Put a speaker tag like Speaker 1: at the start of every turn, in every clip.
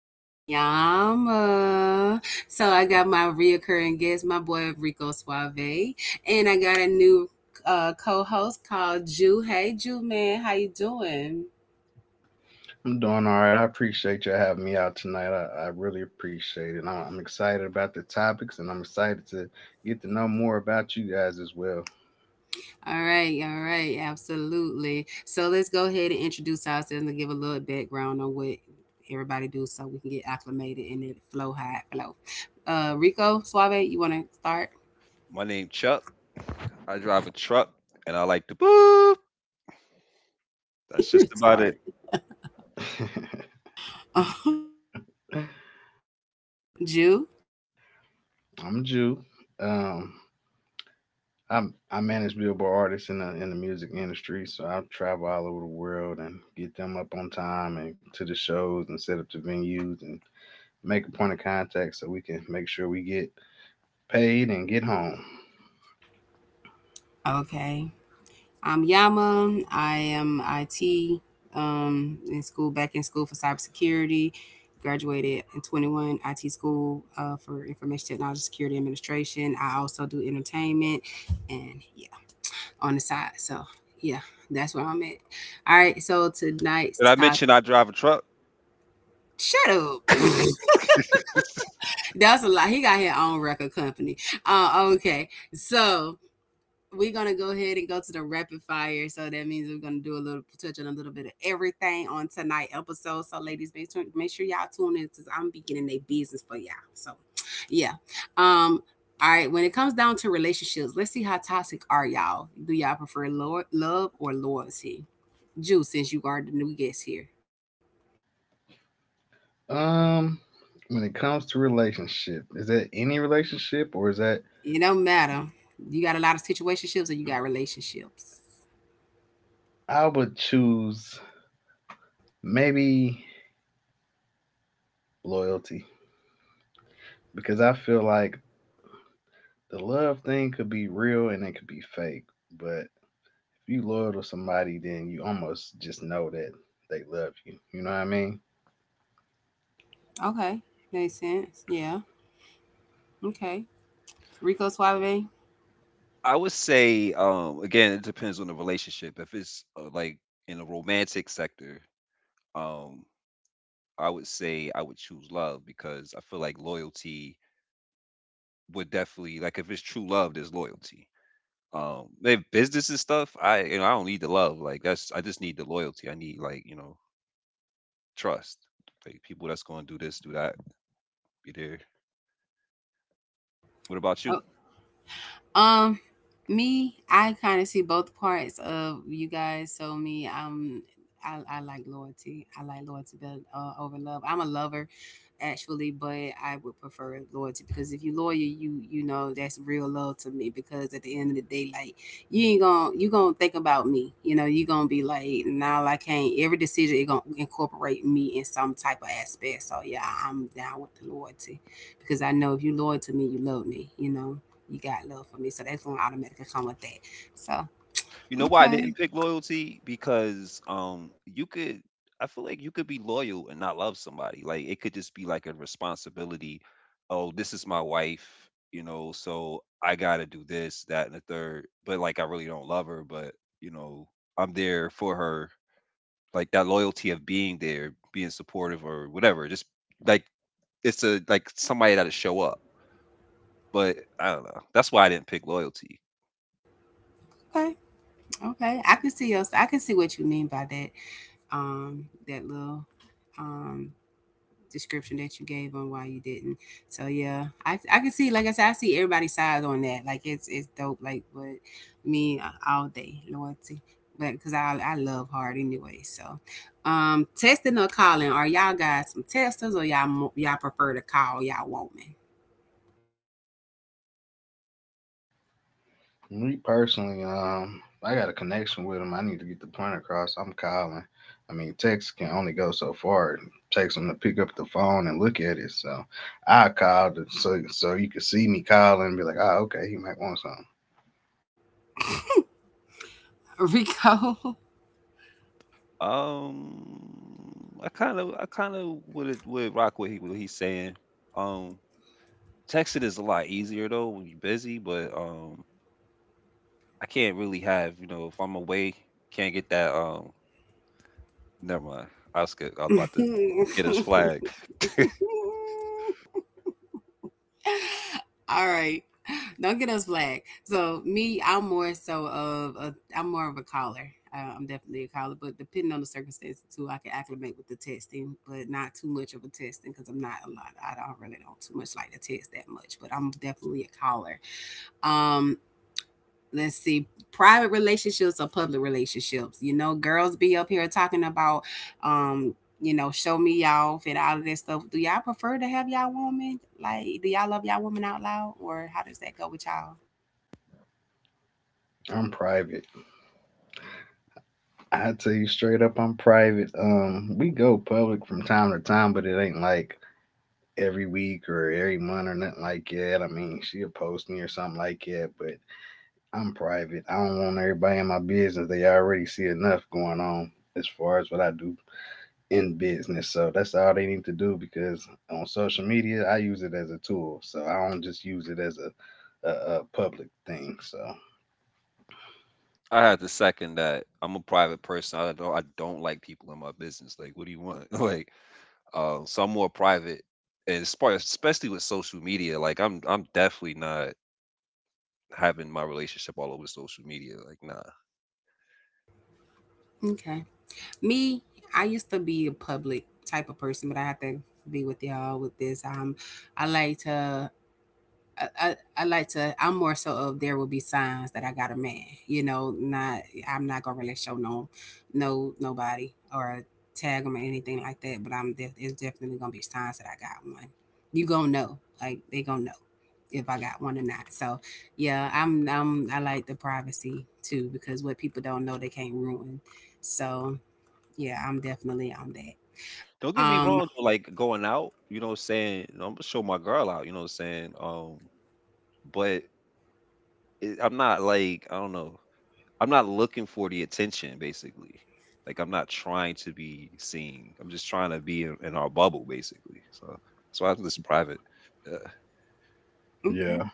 Speaker 1: It with Yama. So I got my reoccurring guest, my boy Rico Suave, and I got a new co-host called Jew. Hey, Jew man, how you doing?
Speaker 2: I'm doing all right. I appreciate you having me out tonight. I really appreciate it. I'm excited about the topics and I'm excited to get to know more about you guys as well.
Speaker 1: All right, absolutely. So let's go ahead and introduce ourselves and give a little background on what everybody do, so we can get acclimated and it flow high flow. Rico Suave, you want to start?
Speaker 3: My name Chuck. I drive a truck, and I like to boop. That's
Speaker 1: You're
Speaker 3: just about
Speaker 1: retarded.
Speaker 3: it.
Speaker 1: Jew,
Speaker 2: I'm a Jew. Um, I manage billboard artists in the music industry, so I travel all over the world and get them up on time and to the shows and set up the venues and make a point of contact so we can make sure we get paid and get home.
Speaker 1: okay. I'm Yama. I am IT in school, back in school for cybersecurity. Graduated in 21 IT school for information technology security administration. I also do entertainment and yeah, on the side. So yeah, that's where I'm at. All right, so tonight's
Speaker 3: Did I
Speaker 1: topic.
Speaker 3: mention I drive a truck?
Speaker 1: Shut up. That's a lot. He got his own record company. Okay, so we're gonna go ahead and go to the rapid fire. So that means we're gonna do a little touch on a little bit of everything on tonight episode. So ladies, make sure y'all tune in because I'm beginning their business for y'all. So yeah. Um all right, when it comes down to relationships, let's see how toxic are y'all. Do y'all prefer love or loyalty? Juice, since you are the new guest here.
Speaker 2: Um, when it comes to relationship, is that any relationship or is that?
Speaker 1: It don't matter. You got a lot of situationships or you got relationships.
Speaker 2: I would choose maybe loyalty because I feel like the love thing could be real and it could be fake. But if you loyal to somebody, then you almost just know that they love you. You know what I mean?
Speaker 1: Okay. Makes sense. Yeah. Okay. Rico Suave.
Speaker 3: I would say, again, it depends on the relationship. If it's like in a romantic sector, um, I would say I would choose love because I feel like loyalty would definitely like if it's true love, there's loyalty. If business and stuff, I I don't need the love. Like that's I just need the loyalty. I need like trust, like people that's gonna do this, do that. Be there. What about you?
Speaker 1: Oh, Um, me, I kind of see both parts of you guys. So me, I like loyalty. I like loyalty better over love. I'm a lover, actually, but I would prefer loyalty because if you loyal, you know that's real love to me. Because at the end of the day, like you ain't gonna you gonna think about me. You know, you gonna be like, nah, I can't. Every decision it gonna incorporate me in some type of aspect. So yeah, I'm down with the loyalty because I know if you loyal to me, you love me. You know you got love for me. So that's going to automatically come with that. So,
Speaker 3: You know why I didn't
Speaker 1: okay.
Speaker 3: pick loyalty? Because you could I feel like you could be loyal and not love somebody. Like it could just be like a responsibility. Oh, this is my wife, you know, so I gotta do this, that, and the third. But like I really don't love her, but you know, I'm there for her. Like that loyalty of being there, being supportive or whatever. Just like it's a like somebody that'll show up. But I don't know. That's why I didn't pick loyalty.
Speaker 1: Okay. Okay. I can see your, I can see what you mean by that. That little, um, description that you gave on why you didn't. So yeah, I can see, like I said, I see everybody's sides on that. Like it's dope. Like what me all day loyalty, but cause I love hard anyway. So, testing or calling, are y'all guys some testers or y'all prefer to call y'all woman?
Speaker 2: Me personally, I got a connection with them. I need to get the point across. I'm calling. I mean, text can only go so far. It takes them to pick up the phone and look at it. So I called so you could see me calling and be like, oh, okay, he might want something.
Speaker 1: Rico.
Speaker 3: Um, I kind of would rock what he's saying. Um, Texting is a lot easier though when you're busy, but I can't really have you know if I'm away, can't get that. Never mind. I was good. I was about to
Speaker 1: All
Speaker 3: get his flag.
Speaker 1: right. Don't get us black. So me, I'm more so of a, I'm more of a caller. I'm definitely a caller, but depending on the circumstances too, I can acclimate with the testing, but not too much of a testing because I'm not a lot. I don't really don't too much like to test that much, but I'm definitely a caller. Um, let's see, private relationships or public relationships. You know, girls be up here talking about, um show me y'all off and all of that stuff. Do y'all prefer to have y'all woman, like, do y'all love y'all woman out loud, or how does that go with y'all?
Speaker 2: I'm private. I tell you straight up, I'm private. We go public from time to time, but it ain't like every week or every month or nothing like that. I mean, she'll post me or something like that, but I'm private. I don't want everybody in my business. They already see enough going on as far as what I do in business. So that's all they need to do because on social media, I use it as a tool. So I don't just use it as a public thing. So
Speaker 3: I have to second that. I'm a private person. I don't like people in my business. Like, what do you want? Like, so I'm more private, and as far- especially with social media, like I'm definitely not having my relationship all over social media. Like, nah.
Speaker 1: Okay, me, I used to be a public type of person, but I have to be with y'all with this. I like to I'm more so of, there will be signs that I got a man, you know, not I'm not gonna really show no no nobody, or tag them or anything like that, but I'm it's definitely gonna be signs that I got one. You gonna know, like they gonna know if I got one or not. So yeah, I like the privacy too because what people don't know they can't ruin. So yeah, I'm definitely on that.
Speaker 3: Don't get me
Speaker 1: Um,
Speaker 3: wrong though, like going out, you know what I'm saying? I'm gonna show my girl out, you know what I'm saying? But it, I'm not like, I don't know. I'm not looking for the attention basically. Like I'm not trying to be seen. I'm just trying to be in our bubble basically. So that's why I'm just private. Uh,
Speaker 1: okay.
Speaker 2: yeah.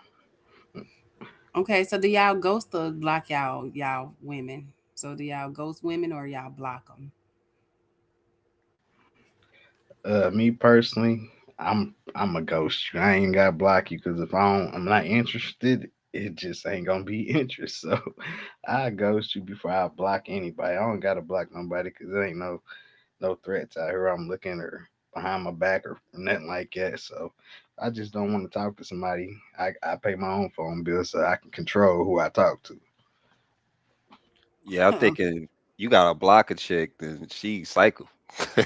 Speaker 1: Okay, so do y'all ghost or block y'all women? So do y'all ghost women or y'all block
Speaker 2: Me personally, I'm a ghost you. I ain't gotta block you because if I don't, I'm not interested. It just ain't gonna be interest. So I ghost you before I block anybody. I don't gotta block nobody because there ain't no threats out here. I'm looking or behind my back or nothing like that. So I just don't want to talk to somebody. I pay my own phone bill so I can control who I talk to.
Speaker 3: yeah, I'm
Speaker 1: them?
Speaker 3: thinking you got to block a chick, then she cycle.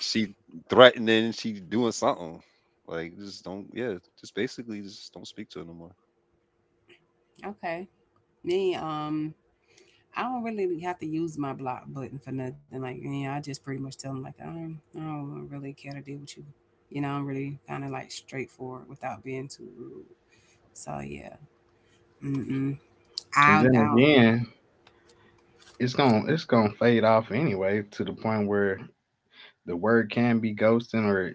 Speaker 3: She threatening, she doing something. Like just don't, yeah, just basically just don't speak to her no more.
Speaker 1: Okay, me, I don't really have to use my block button for nothing. Like yeah, I just pretty much tell them like, I don't really care to deal with you. You know, I'm really kind of like straightforward without being too rude. So yeah, mm-mm.
Speaker 2: And then
Speaker 1: I don't.
Speaker 2: again, it's gonna fade off anyway to the point where the word can be ghosting or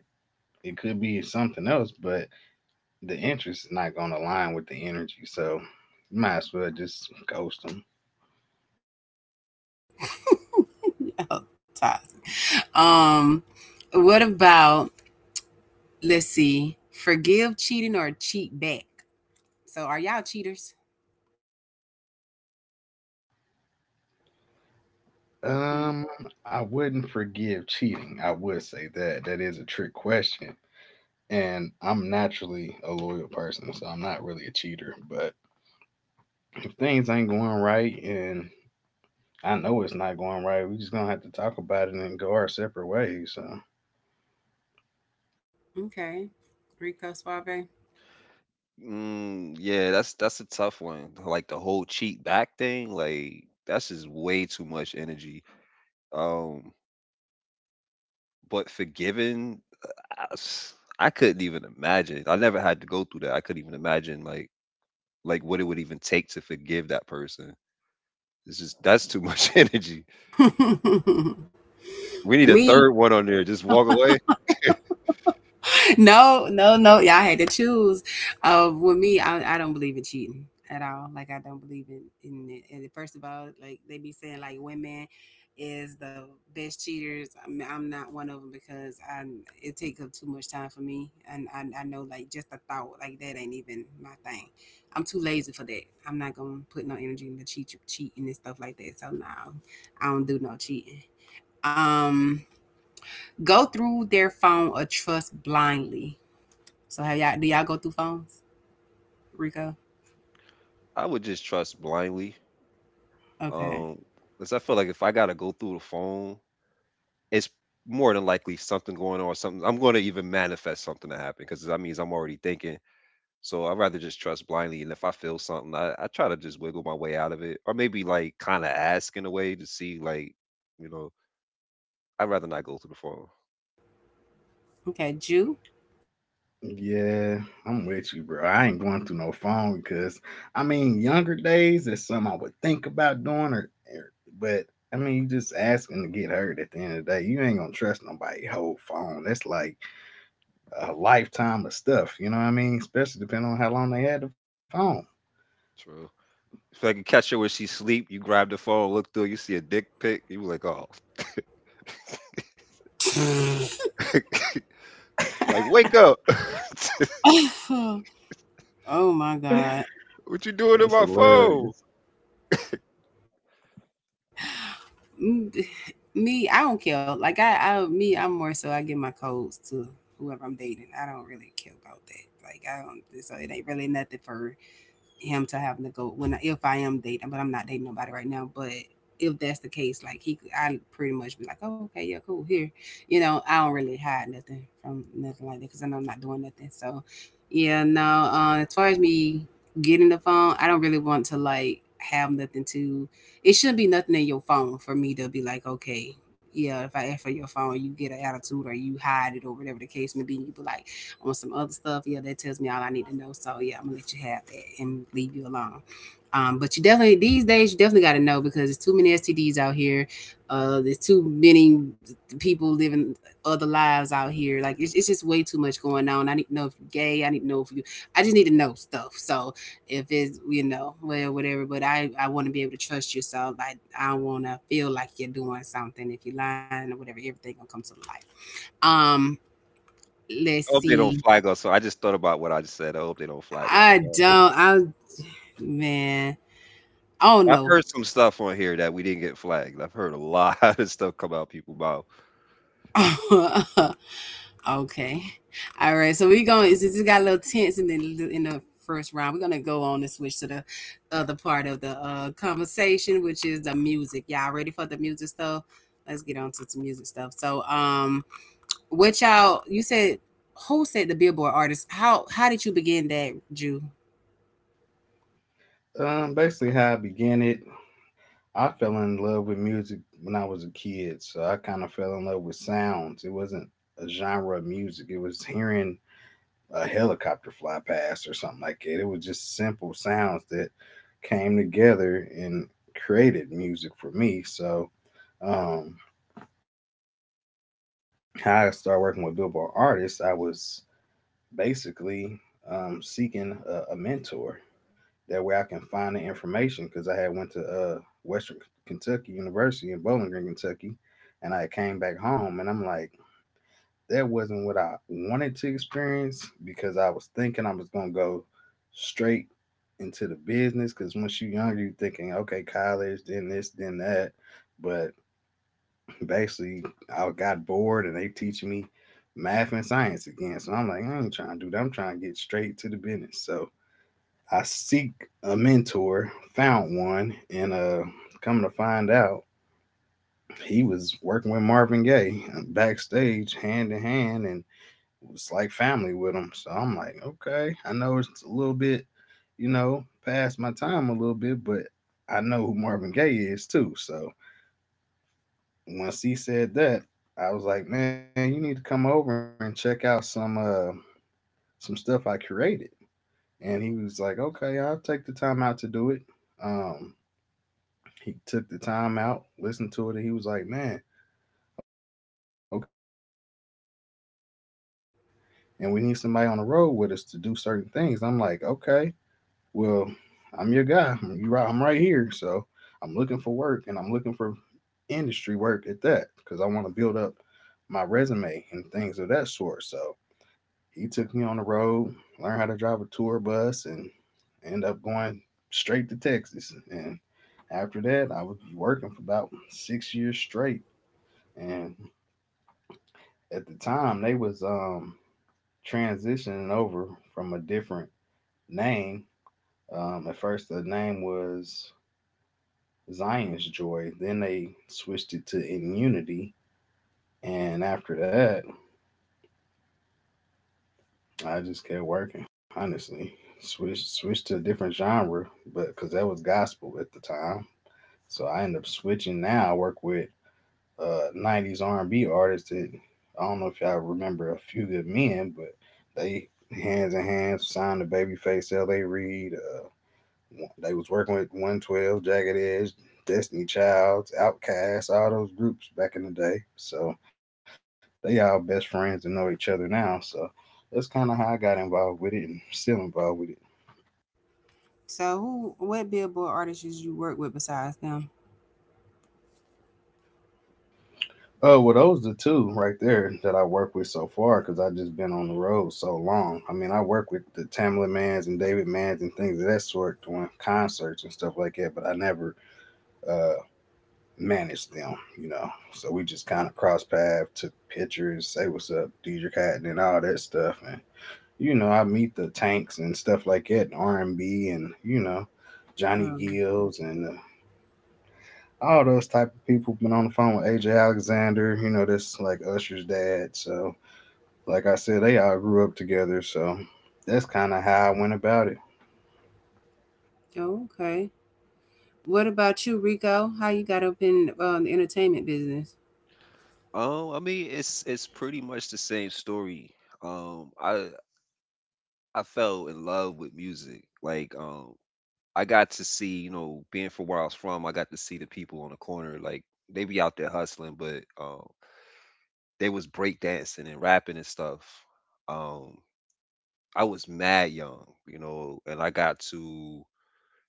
Speaker 2: it could be something else, but the interest is not going to align with the energy. So you might as well just ghost them.
Speaker 1: Oh, toss. um, what about, let's see, forgive cheating or cheat back? So are y'all cheaters? Mm.
Speaker 2: Um, I wouldn't forgive cheating. I would say that. That is a trick question. And I'm naturally a loyal person, so I'm not really a cheater. But if things ain't going right and I know it's not going right, we just gonna have to talk about it and go our separate ways. So
Speaker 1: Okay. Rico Suave.
Speaker 3: Mm, yeah, that's a tough one. Like the whole cheat back thing, like that's just way too much energy. Um, but forgiving, I, s- I couldn't even imagine. I never had to go through that. I couldn't even imagine like what it would even take to forgive that person. It's just that's too much energy. We need a
Speaker 1: Me.
Speaker 3: third one on there. Just walk away.
Speaker 1: No, no, no. Y'all had to choose. With me, I don't believe in cheating at all. Like I don't believe in it. And first of all, like they be saying, like women is the best cheaters. I'm not one of them because I it take up too much time for me, and I know like just the thought like that ain't even my thing. I'm too lazy for that. I'm not gonna put no energy into cheating and stuff like that. So no, I don't do no cheating. Um, go through their phone or trust blindly. So have y'all do y'all go through phones, Rico?
Speaker 3: I would just trust blindly.
Speaker 1: Okay.
Speaker 3: Um, because I feel like if I gotta go through the phone, it's more than likely something going on. Something I'm gonna even manifest something to happen because that means I'm already thinking. So I'd rather just trust blindly, and if I feel something, I try to just wiggle my way out of it, or maybe like kind of ask in a way to see, like, you know, I'd rather not go through the phone.
Speaker 1: Okay, Jew.
Speaker 2: yeah, I'm with you, bro. I ain't going through no phone because I mean, younger days is something I would think about doing, but I mean, you just asking to get hurt at the end of the day. You ain't gonna trust nobody whole phone. That's like a lifetime of stuff. You know what I mean? Especially depending on how long they had the phone.
Speaker 3: True. If I can catch her when she sleep, you grab the phone, look through, you see a dick pic, you like, oh, like wake up,
Speaker 1: Oh my God.
Speaker 3: what you doing
Speaker 2: That's
Speaker 3: in my
Speaker 2: hilarious.
Speaker 3: phone?
Speaker 1: Mm, Me, I don't care. Like I'm more so I give my codes to whoever I'm dating. I don't really care about that. Like I don't, so it ain't really nothing for him to having to go when if I am dating, but I'm not dating nobody right now. But if that's the case, like I pretty much be like, oh, okay, yeah, cool, here, I don't really hide nothing from nothing like that because I know I'm not doing nothing. So, yeah, no. As far as me getting the phone, I don't really want to like have nothing to. It shouldn't be nothing in your phone for me to be like, okay, yeah, if I ask for your phone, you get an attitude or you hide it or whatever the case may be. You be like on some other stuff. Yeah, that tells me all I need to know. So yeah, I'm gonna let you have that and leave you alone. But you definitely these days you definitely got to know because there's too many STDs out here. There's too many people living other lives out here. Like it's just way too much going on. I need to know if you're gay. I need to know if you. I just need to know stuff. So if it's, well, whatever, but I want to be able to trust you. So like I don't want to feel like you're doing something. If you're lying or whatever, everything gonna come to light. Let's
Speaker 3: I hope they don't
Speaker 1: see.
Speaker 3: flag us. So I just thought about what I just said. I hope they don't flag us
Speaker 1: I
Speaker 3: on that.
Speaker 1: don't. I man. Oh
Speaker 3: I've
Speaker 1: no.
Speaker 3: heard some stuff on here that we didn't get flagged. I've heard a lot of stuff come out people's mouth.
Speaker 1: Okay. All right. So we going to, since it got a little tense in the first round, we're gonna go on and switch to the other part of the conversation, which is the music. Y'all ready for the music stuff? Let's get on to some music stuff. So What y'all? You said, who said the Billboard artist? How did you begin that, Jew?
Speaker 2: Basically, how I began it, I fell in love with music when I was a kid, so I kind of fell in love with sounds. It wasn't a genre of music. It was hearing a helicopter fly past or something like that. It was just simple sounds that came together and created music for me. So, um, how I started working with Billboard artists, I was basically seeking a mentor. That way, I can find the information because I had went to Western Kentucky University in Bowling Green, Kentucky, and I came back home and I'm like, that wasn't what I wanted to experience because I was thinking I was gonna go straight into the business because once you're younger, you're thinking, okay, college, then this, then that. But basically, I got bored and they teaching me math and science again. So I'm like, I ain't trying to do that. I'm trying to get straight to the business. So I seek a mentor, found one, and come to find out, he was working with Marvin Gaye backstage, hand to hand, and was like family with them. So I'm like, okay, I know it's a little bit, you know, past my time a little bit, but I know who Marvin Gaye is too. So once he said that, I was like, man, you need to come over and check out some stuff I curated. And he was like, okay, I'll take the time out to do it. Um, he took the time out, listened to it, and he was like, man, okay, we looking for a sound guy and we need somebody on the road with us to do certain things. I'm like, okay, well, I'm your guy. You right? I'm right here. So I'm looking for work, and I'm looking for industry work at that because I want to build up my resume and things of that sort. So he took me on the road, learned how to drive a tour bus, and end up going straight to Texas. And after that, I was working for about 6 years straight. And at the time, they was transitioning over from a different name. At first, the name was Zion's Joy. Then they switched it to Immunity, and after that, I just kept working. Honestly, switched to a different genre, but because that was gospel at the time, so I ended up switching. Now I work with '90s R&B artists. That, I don't know if y'all remember a few good men, but they hands in hands signed to Babyface, L.A. Reid, they was working with 112, Jagged Edge, Destiny Child, Outcast, all those groups back in the day. So they all best friends and know each other now. So that's kind of how I got involved with it and still involved with it.
Speaker 1: So who? What Billboard artists did you work with besides them?
Speaker 2: Oh, well, those are the two right there that I work with so far because I have just been on the road so long. I mean, I work with the Tamla Mans and David Mans and things of that sort doing concerts and stuff like that, but I never uh, manage them, you know. So we just kind of cross path, took pictures, say what's up, Deidre Hatton and all that stuff. And, you know, I meet the tanks and stuff like that, R&B and, B and, you know, Johnny
Speaker 1: Um,
Speaker 2: Gills and all those type of people. Been on the phone with AJ Alexander, you know, that's like Usher's dad. So, like I said, they all grew up together. So that's kind of how I went about it.
Speaker 1: okay. What about you, Rico? How you got up in, the entertainment business?
Speaker 3: I mean, it's pretty much the same story. Um, I I fell in love with music. Like, I got to see, you know, being from where I was from, I got to see the people on the corner. Like, they be out there hustling, but they was breakdancing and rapping and stuff. Um, I was mad young, you know, and I got to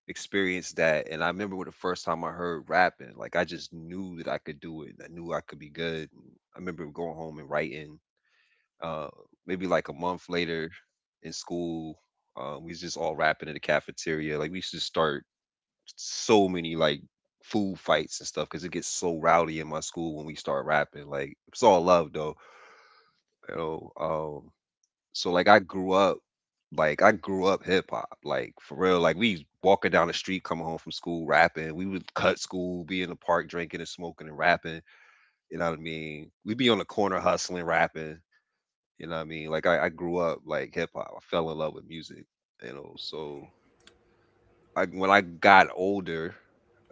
Speaker 3: experienced that and I remember when the first time I heard rapping, like I just knew that I could do it. I knew I could be good. I remember going home and writing. Uh Maybe like a month later in school, we was just all rapping in the cafeteria. Like we used to start so many like food fights and stuff because it gets so rowdy in my school when we start rapping. Like it's all love though. You know, so like I grew up like I grew up hip hop. Like for real. Like we walking down the street coming home from school rapping. We would cut school, be in the park drinking and smoking and rapping. You know what I mean? We'd be on the corner hustling, rapping. You know what I mean? Like I grew up like hip hop. I fell in love with music, you know. So I when I got older,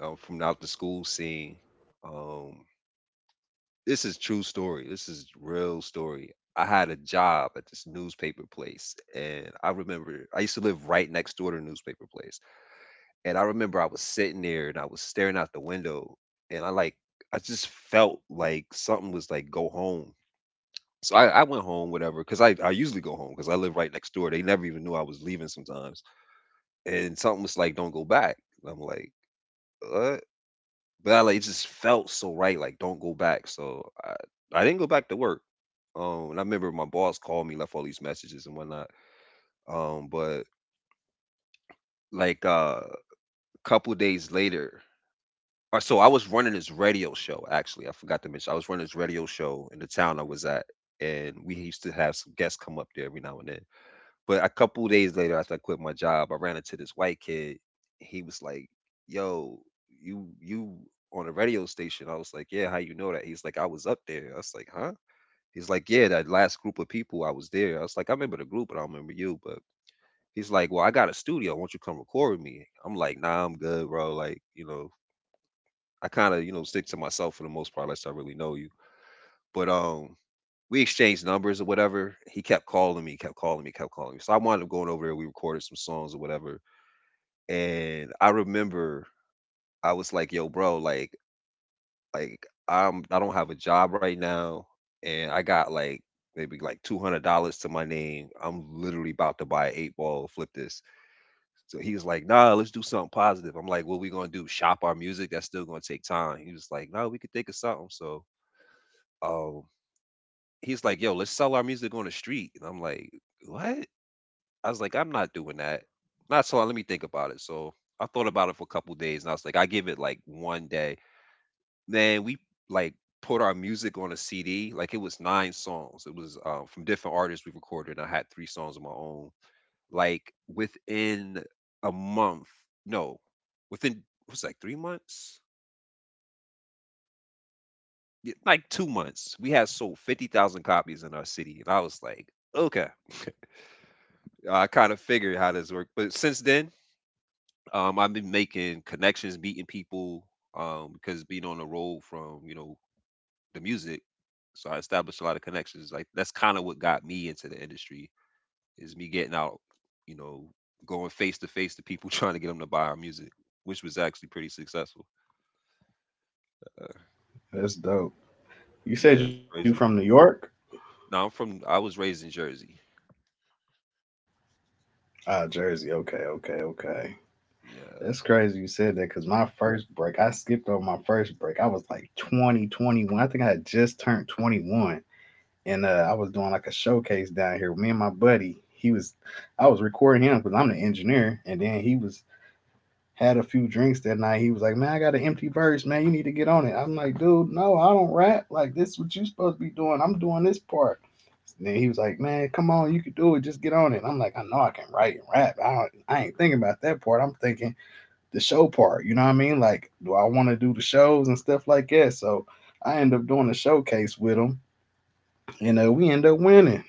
Speaker 3: from out the school scene, um, this is true story. This is real story. I had a job at this newspaper place, and I remember I used to live right next door to the newspaper place. And I remember I was sitting there and I was staring out the window, and I like I just felt like something was like go home. So I went home, whatever, because I usually go home because I live right next door. They never even knew I was leaving sometimes. And something was like, don't go back. And I'm like, what? But I like, it just felt so right, like, don't go back. So I didn't go back to work. And I remember my boss called me, left all these messages and whatnot. But like a couple days later, or so I was running this radio show. Actually, I forgot to mention I was running this radio show in the town I was at, and we used to have some guests come up there every now and then. But a couple days later, after I quit my job, I ran into this white kid. He was like, "Yo, you on a radio station?" I was like, "Yeah, how you know that?" He's like, "I was up there." I was like, "Huh?" He's like, yeah, that last group of people, I was there. I was like, I remember the group, but I don't remember you. But he's like, well, I got a studio. Won't you come record with me? I'm like, nah, I'm good, bro. Like, you know, I kind of, you know, stick to myself for the most part, unless I really know you. But we exchanged numbers or whatever. He kept calling me, kept calling me, kept calling me. So I wound up going over there. We recorded some songs or whatever. And I remember I was like, yo, bro, like I'm I don't have a job right now and I got like maybe like $200 to my name. I'm literally about to buy an eight ball, flip this. So he was like, nah, let's do something positive. I'm like, what we gonna do? Shop our music? That's still gonna take time. He was like, no, we could think of something. So um he's like, yo, let's sell our music on the street. And I'm like, what? I was like, I'm not doing that. Not so let me think about it. So I thought about it for a couple days and I was like, I give it like 1 day. Man, we like put our music on a CD. Like it was 9 songs. It was from different artists we recorded. I had 3 songs of my own. Like within a month, no, within it was like 3 months, yeah, like 2 months, we had sold 50,000 copies in our city, and I was like, okay, I kind of figured how this worked. But since then, I've been making connections, meeting people, because being on the road from you know the music. So I established a lot of connections. Like that's kind of what got me into the industry is me getting out, you know, going face to face to people trying to get them to buy our music, which was actually pretty successful.
Speaker 2: That's dope. You said
Speaker 3: Yeah,
Speaker 2: you
Speaker 3: it's
Speaker 2: from New
Speaker 3: crazy.
Speaker 2: York?
Speaker 3: Now I'm from. I was raised in Jersey.
Speaker 2: Ah, Jersey. Okay, okay, okay. That's crazy you
Speaker 3: Yeah,
Speaker 2: said that because my first break, I skipped over my first break. I was like 2021. I think I had just turned 21. And I was doing like a showcase down here with me and my buddy. I was recording him because I'm the engineer. And then had a few drinks that night. He was like, man, I got an empty verse, man. You need to get on it. I'm like, dude, no, I don't rap. Like, this is what you supposed to be doing. I'm doing this part. Then he was like, "Man, come on, you can do it. Just get on it." I'm like, "I know I can write and rap. I ain't thinking about that part. I'm thinking the show part." You know what I mean? Like, do I want to do the shows and stuff like that? So I end up doing a showcase with them, and we end up winning.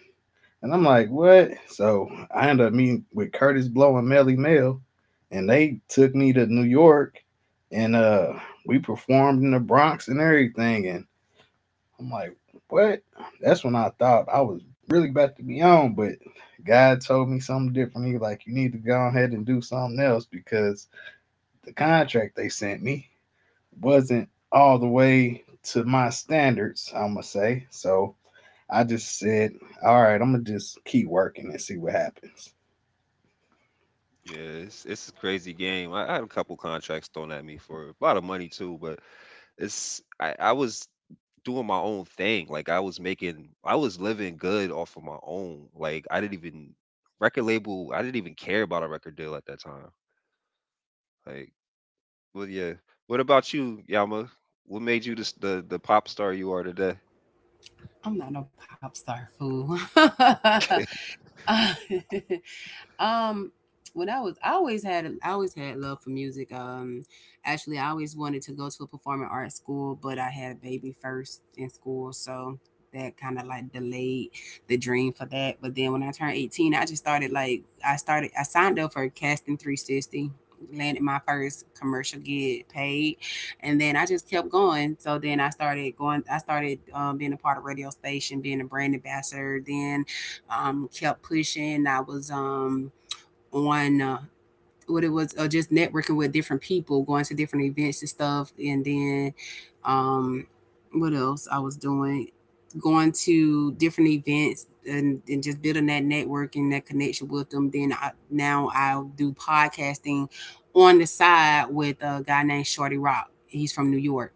Speaker 2: And I'm like, what? So I end up meeting with Curtis Blow and Melly Mel, and they took me to New York, and we performed in the Bronx and everything. And I'm like, what? That's when I thought I was really about to be on, but God told me something different. He like, you need to go ahead and do something else because the contract they sent me wasn't all the way to my standards, I'm gonna say. So I just said, all right, I'm gonna just keep working and see what happens.
Speaker 3: yeah. It's a crazy game. I had a couple contracts thrown at me for a lot of money too, but it's I was doing my own thing. Like I was making, I was living good off of my own. Like I didn't even record label. I didn't even care about a record deal at that time. Like, well, yeah. What about you, Yama? What made you this, the pop star you are today?
Speaker 1: I'm not no pop star fool. Um, I always had love for music. Actually, I always wanted to go to a performing arts school, but I had a baby first in school, so that kind of like delayed the dream for that. But then when I turned 18, I just started like, I started, I signed up for casting 360. Landed my first commercial gig paid, and then I just kept going. So then I started going. I started, being a part of radio station, being a brand ambassador. Then, kept pushing. I was on what it was just networking with different people, going to different events and stuff, and then, um, what else I was doing, going to different events and just building that network and that connection with them. Then, now I'll do podcasting on the side with a guy named Shorty Rock. He's from New York.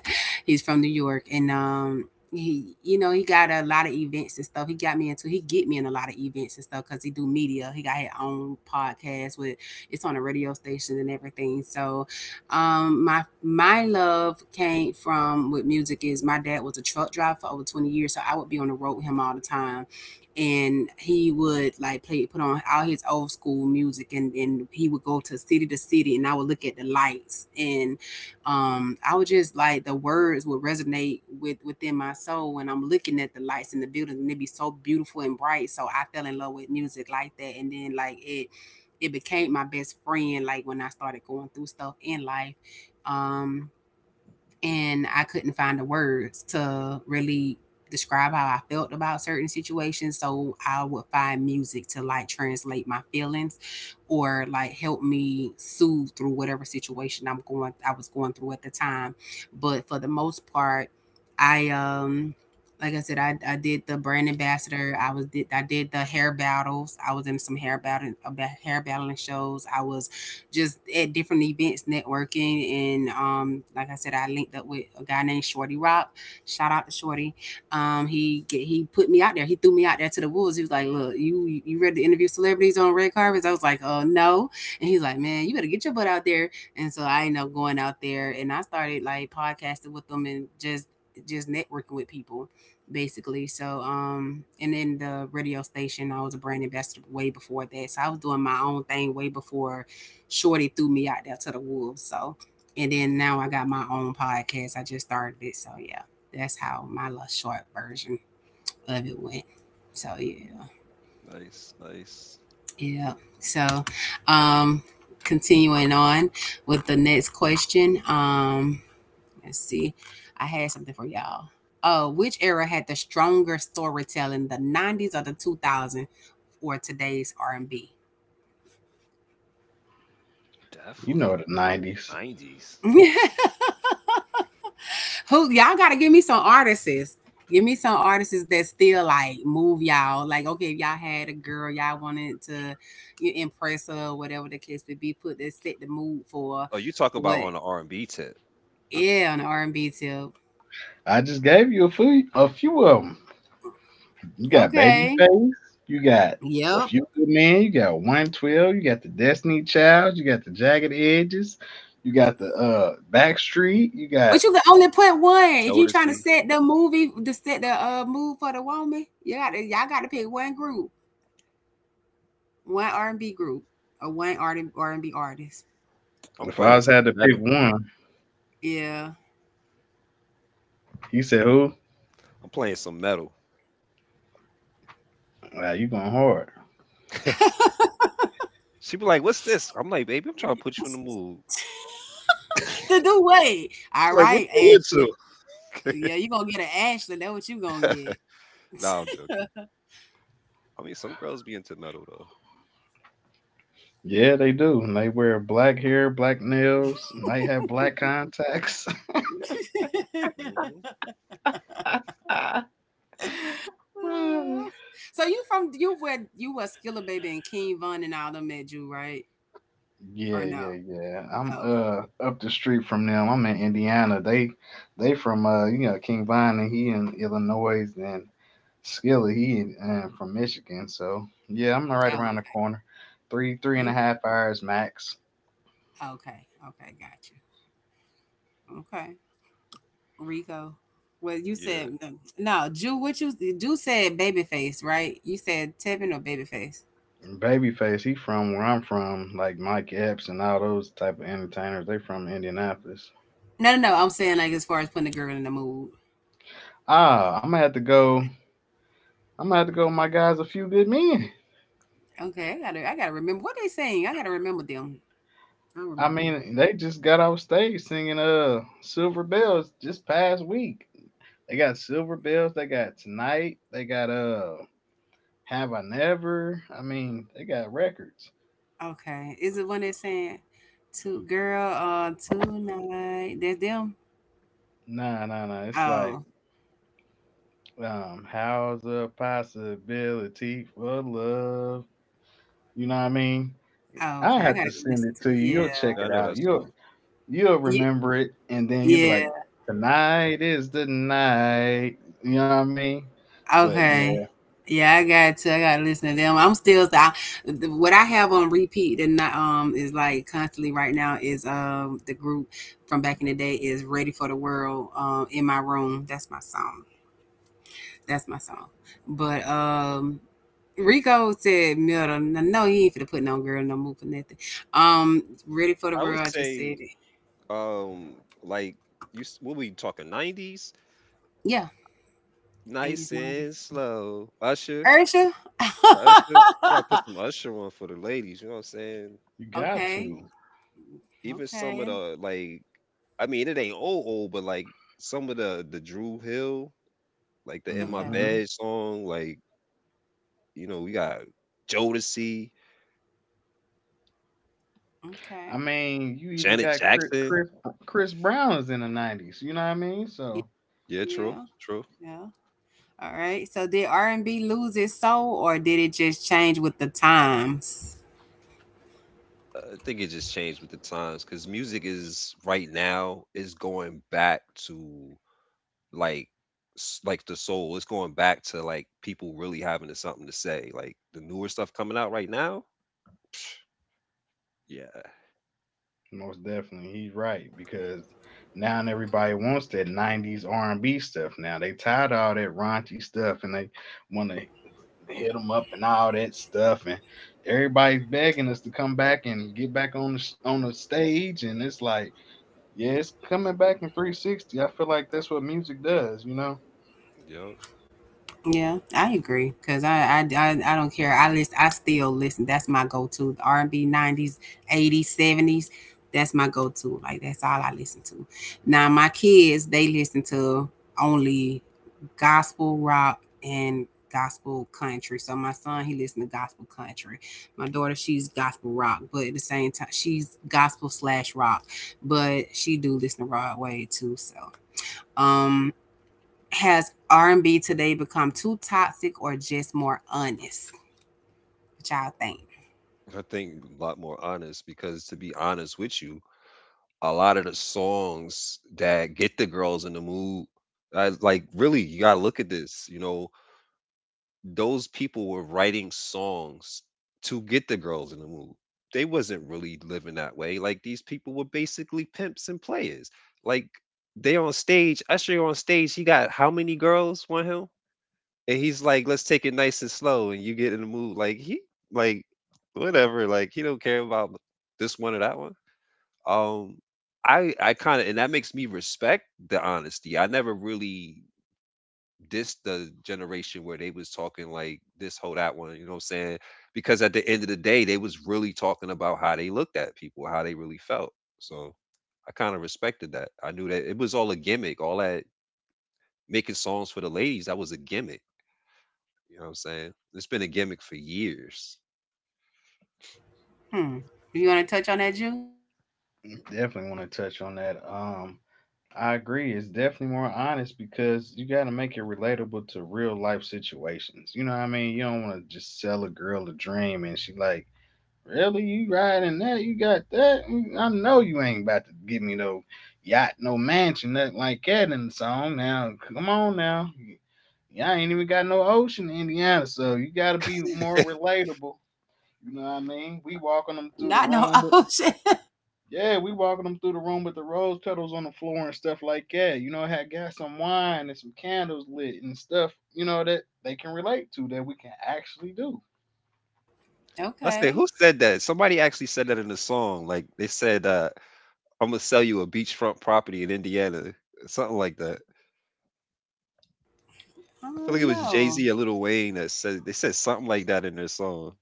Speaker 1: He's from New York, and he you know he got a lot of events and stuff he got me into he get me in a lot of events and stuff because he do media he got his own podcast with it's on a radio station and everything. So, my love came from with music is my dad was a truck driver for over 20 years, so I would be on the road with him all the time. And he would like play put on all his old school music, and he would go to city to city, and I would look at the lights. And I would just like the words would resonate within my soul when I'm looking at the lights in the building, and it'd be so beautiful and bright. So I fell in love with music like that, and then like it became my best friend, like when I started going through stuff in life, um and I couldn't find the words to really describe how I felt about certain situations. So I would find music to like translate my feelings, or like help me soothe through whatever situation I was going through at the time. But for the most part, I like I said, I did the brand ambassador. I did the hair battles. I was in some hair battling shows. I was just at different events networking. And like I said, I linked up with a guy named Shorty Rock. Shout out to Shorty. He he put me out there. He threw me out there to the wolves. He was like, "Look, you ready to interview celebrities on red carpets?" I was like, No." And he's like, "Man, you better get your butt out there." And so I ended up going out there, and I started like podcasting with them, and just networking with people, basically. So, and then the radio station, I was a brand ambassador way before that. So I was doing my own thing way before Shorty threw me out there to the wolves. So, and then now I got my own podcast. I just started it. So, yeah, that's how my little short version of it went. So, yeah,
Speaker 3: Nice, nice.
Speaker 1: yeah. So, um, continuing on with the next question. Let's see. I had something for y'all. Which era had the stronger storytelling, the 90s or the 2000s or today's R&B?
Speaker 2: You know
Speaker 3: Definitely
Speaker 2: the '90s.
Speaker 3: the 90s.
Speaker 1: Who y'all gotta give me some artists. Give me some artists that still like move y'all. Like, okay, if y'all had a girl y'all wanted to, you impress her, whatever the case would be, put that set the mood for.
Speaker 3: Oh, you talk about
Speaker 1: What?
Speaker 3: on the R and B tip,
Speaker 1: Yeah, on the R and B tip.
Speaker 2: I just gave you a few of them. You got
Speaker 1: Okay.
Speaker 2: Babyface. You got
Speaker 1: Yep.
Speaker 2: a few good men. You got 112. You got the Destiny Child. You got the Jagged Edges. You got the Backstreet. You got.
Speaker 1: But you can only put one. If you trying to
Speaker 3: Jodeci.
Speaker 1: set the mood for the woman, you got to y'all got to pick one group, one R and B group, or one R and B artist.
Speaker 3: I'm
Speaker 2: If I
Speaker 3: playing
Speaker 2: was had
Speaker 3: some
Speaker 2: to pick
Speaker 3: metal.
Speaker 2: one,
Speaker 1: Yeah,
Speaker 2: you said who?
Speaker 3: I'm playing some metal.
Speaker 2: Wow, you going hard.
Speaker 3: She be like, "What's this?" I'm like, "Baby, I'm trying to put you in the mood."
Speaker 1: to do what? All
Speaker 3: She's like, "What
Speaker 1: right,
Speaker 3: you
Speaker 1: Ashley.
Speaker 3: into?"
Speaker 1: Yeah, you gonna get an Ashley. That what you gonna get.
Speaker 3: Nah, I'm joking. I mean, some girls be into metal though.
Speaker 2: Yeah, they do. And they wear black hair, black nails, might have black contacts.
Speaker 3: Hmm.
Speaker 2: Woo.
Speaker 1: So you from, you where you was Skilla Baby and King Von and all them met you, right?
Speaker 2: yeah,
Speaker 1: Or no?
Speaker 2: yeah, yeah. I'm
Speaker 1: Oh, okay.
Speaker 2: up the street from them. I'm in Indiana. They from you know, King Vine, and he in Illinois, and Skillet he in, from Michigan. So yeah, I'm
Speaker 1: Oh,
Speaker 2: right around
Speaker 1: okay.
Speaker 2: the corner. Three
Speaker 1: You
Speaker 2: and a half hours max.
Speaker 1: okay? Okay, gotcha. Okay, Rico. Well, you said
Speaker 3: Yeah,
Speaker 1: no, Jew. What you Jew said? Babyface, right? You said Tevin or Babyface?
Speaker 2: And Babyface, he from where I'm from, like Mike Epps and all those type of entertainers. They from Indianapolis.
Speaker 1: No, no, no. I'm saying, like, as far as putting the girl in the mood.
Speaker 2: Ah, I'm gonna have to go. I'm gonna have to go with my guys, a few good men.
Speaker 1: Okay, I gotta remember what they saying. I gotta remember them. I
Speaker 2: I
Speaker 1: remember them.
Speaker 2: mean, they just got off stage singing "Silver Bells" just past week. They got "Silver Bells." They got tonight. They got "Have I Never." I mean, they got records.
Speaker 1: Okay. Is it one that's saying to girl tonight? That's them?
Speaker 2: Nah, nah, nah. It's like
Speaker 1: Oh.
Speaker 2: how's a possibility for love? You know what I mean?
Speaker 1: Oh,
Speaker 2: I
Speaker 1: okay. I
Speaker 2: have to
Speaker 1: gotta go
Speaker 2: send
Speaker 1: listen
Speaker 2: it
Speaker 1: to,
Speaker 2: to you.
Speaker 1: yeah.
Speaker 2: You'll check
Speaker 3: yeah, I
Speaker 2: it
Speaker 3: know
Speaker 2: out.
Speaker 3: that song.
Speaker 2: You'll
Speaker 1: Ye-
Speaker 2: remember it, and then you'll be like,
Speaker 1: Yeah.
Speaker 2: "Tonight is the night." You know what I mean? But yeah,
Speaker 1: Okay. Yeah, I got to. I gotta listen to them. I'm still I, the- What I have on repeat and not, is like constantly right now, is the group from back in the day is Ready for the World, in my room. That's my song. That's my song. But Rico said Milton. No, he ain't finna put no girl, no move for nothing. Um, Ready for the
Speaker 3: I would
Speaker 1: World. I just said
Speaker 3: say,
Speaker 1: it.
Speaker 3: um, like you, what we talking? Nineties,
Speaker 1: Yeah, eighties,
Speaker 3: nice
Speaker 1: nineties.
Speaker 3: and slow. Usher,
Speaker 1: Ursha.
Speaker 3: Usher. You gotta put some Usher on for the ladies. You know what I'm saying?
Speaker 2: you got
Speaker 1: Okay,
Speaker 2: to.
Speaker 3: Even some
Speaker 1: okay,
Speaker 3: of the, like, I mean, it ain't old old, but like some of the Drew Hill, like the In My
Speaker 1: okay,
Speaker 2: Hmm.
Speaker 3: Bed song. Like, you know, we got Jodeci,
Speaker 2: I
Speaker 1: okay.
Speaker 2: mean, you even
Speaker 3: Janet
Speaker 2: got Chris
Speaker 3: Jackson.
Speaker 2: Chris, Chris Brown is in the '90s. You know what I mean?
Speaker 1: Yeah,
Speaker 2: So
Speaker 3: Yeah, true,
Speaker 1: yeah,
Speaker 3: true.
Speaker 1: yeah. All right. So did R and B lose its soul, or did it just change with the times?
Speaker 3: I think it just changed with the times because music is right now is going back to like like the soul. It's going back to like people really having something to say. Like the newer stuff coming out right now. Psh, yeah,
Speaker 2: most definitely, he's right, because now everybody wants that '90s R&B stuff. Now they tired of all that raunchy stuff, and they want to hit them up and all that stuff, and everybody's begging us to come back and get back on the stage, and it's like, yeah, it's coming back in 360. I feel like that's what music does, you know.
Speaker 3: yo.
Speaker 1: Yeah, I agree because I don't care. I list I still listen. That's my go to, R and B, nineties, eighties, seventies. That's my go to. Like that's all I listen to. Now my kids, they listen to only gospel rock and gospel country. So my son, he listens to gospel country. My daughter, she's gospel rock, but at the same time she's gospel slash rock, but she do listen to Broadway too. So. um. Has R and B today become too toxic or just more honest? What y'all think?
Speaker 3: I think a lot more honest because to be honest with you, a lot of the songs that get the girls in the mood, like really, you gotta look at this. You know, those people were writing songs to get the girls in the mood. They wasn't really living that way. Like these people were basically pimps and players. Like they on stage, Usher on stage, he got how many girls want him? And he's like, let's take it nice and slow and you get in the mood. Like he, like, whatever, like he don't care about this one or that one. Um I kinda, and that makes me respect the honesty. I never really, this the generation where they was talking like this whole that one, you know what I'm saying? Because at the end of the day, they was really talking about how they looked at people, how they really felt. So I kind of respected that. I knew that it was all a gimmick, all that making songs for the ladies, that was a gimmick. You know what I'm saying? It's been a gimmick for years.
Speaker 1: Hmm. You want to touch on that, Jew?
Speaker 2: Definitely want to touch on that. I agree, it's definitely more honest, because you got to make it relatable to real life situations. You know what I mean? You don't want to just sell a girl a dream and she like, really, you riding that? You got that? Mm, I know you ain't about to give me no yacht, no mansion, nothing like that in the song. Now, come on now. Y'all ain't even got no ocean in Indiana, so you gotta be more relatable. You know what I mean? We walking them through the
Speaker 1: Not no.
Speaker 2: room with
Speaker 1: Ocean.
Speaker 2: Yeah, we walking them through the room with the rose petals on the floor and stuff like that. You know, had got some wine and some candles lit and stuff. You know that they can relate to, that we can actually do.
Speaker 3: I say,
Speaker 1: Okay.
Speaker 3: who said that? Somebody actually said that in the song. Like they said, I'm gonna sell you a beachfront property in Indiana, something like that.
Speaker 1: I
Speaker 3: I feel like it
Speaker 1: don't
Speaker 3: was Jay
Speaker 1: know.
Speaker 3: Z or Lil Wayne that said, they said something like that in their song.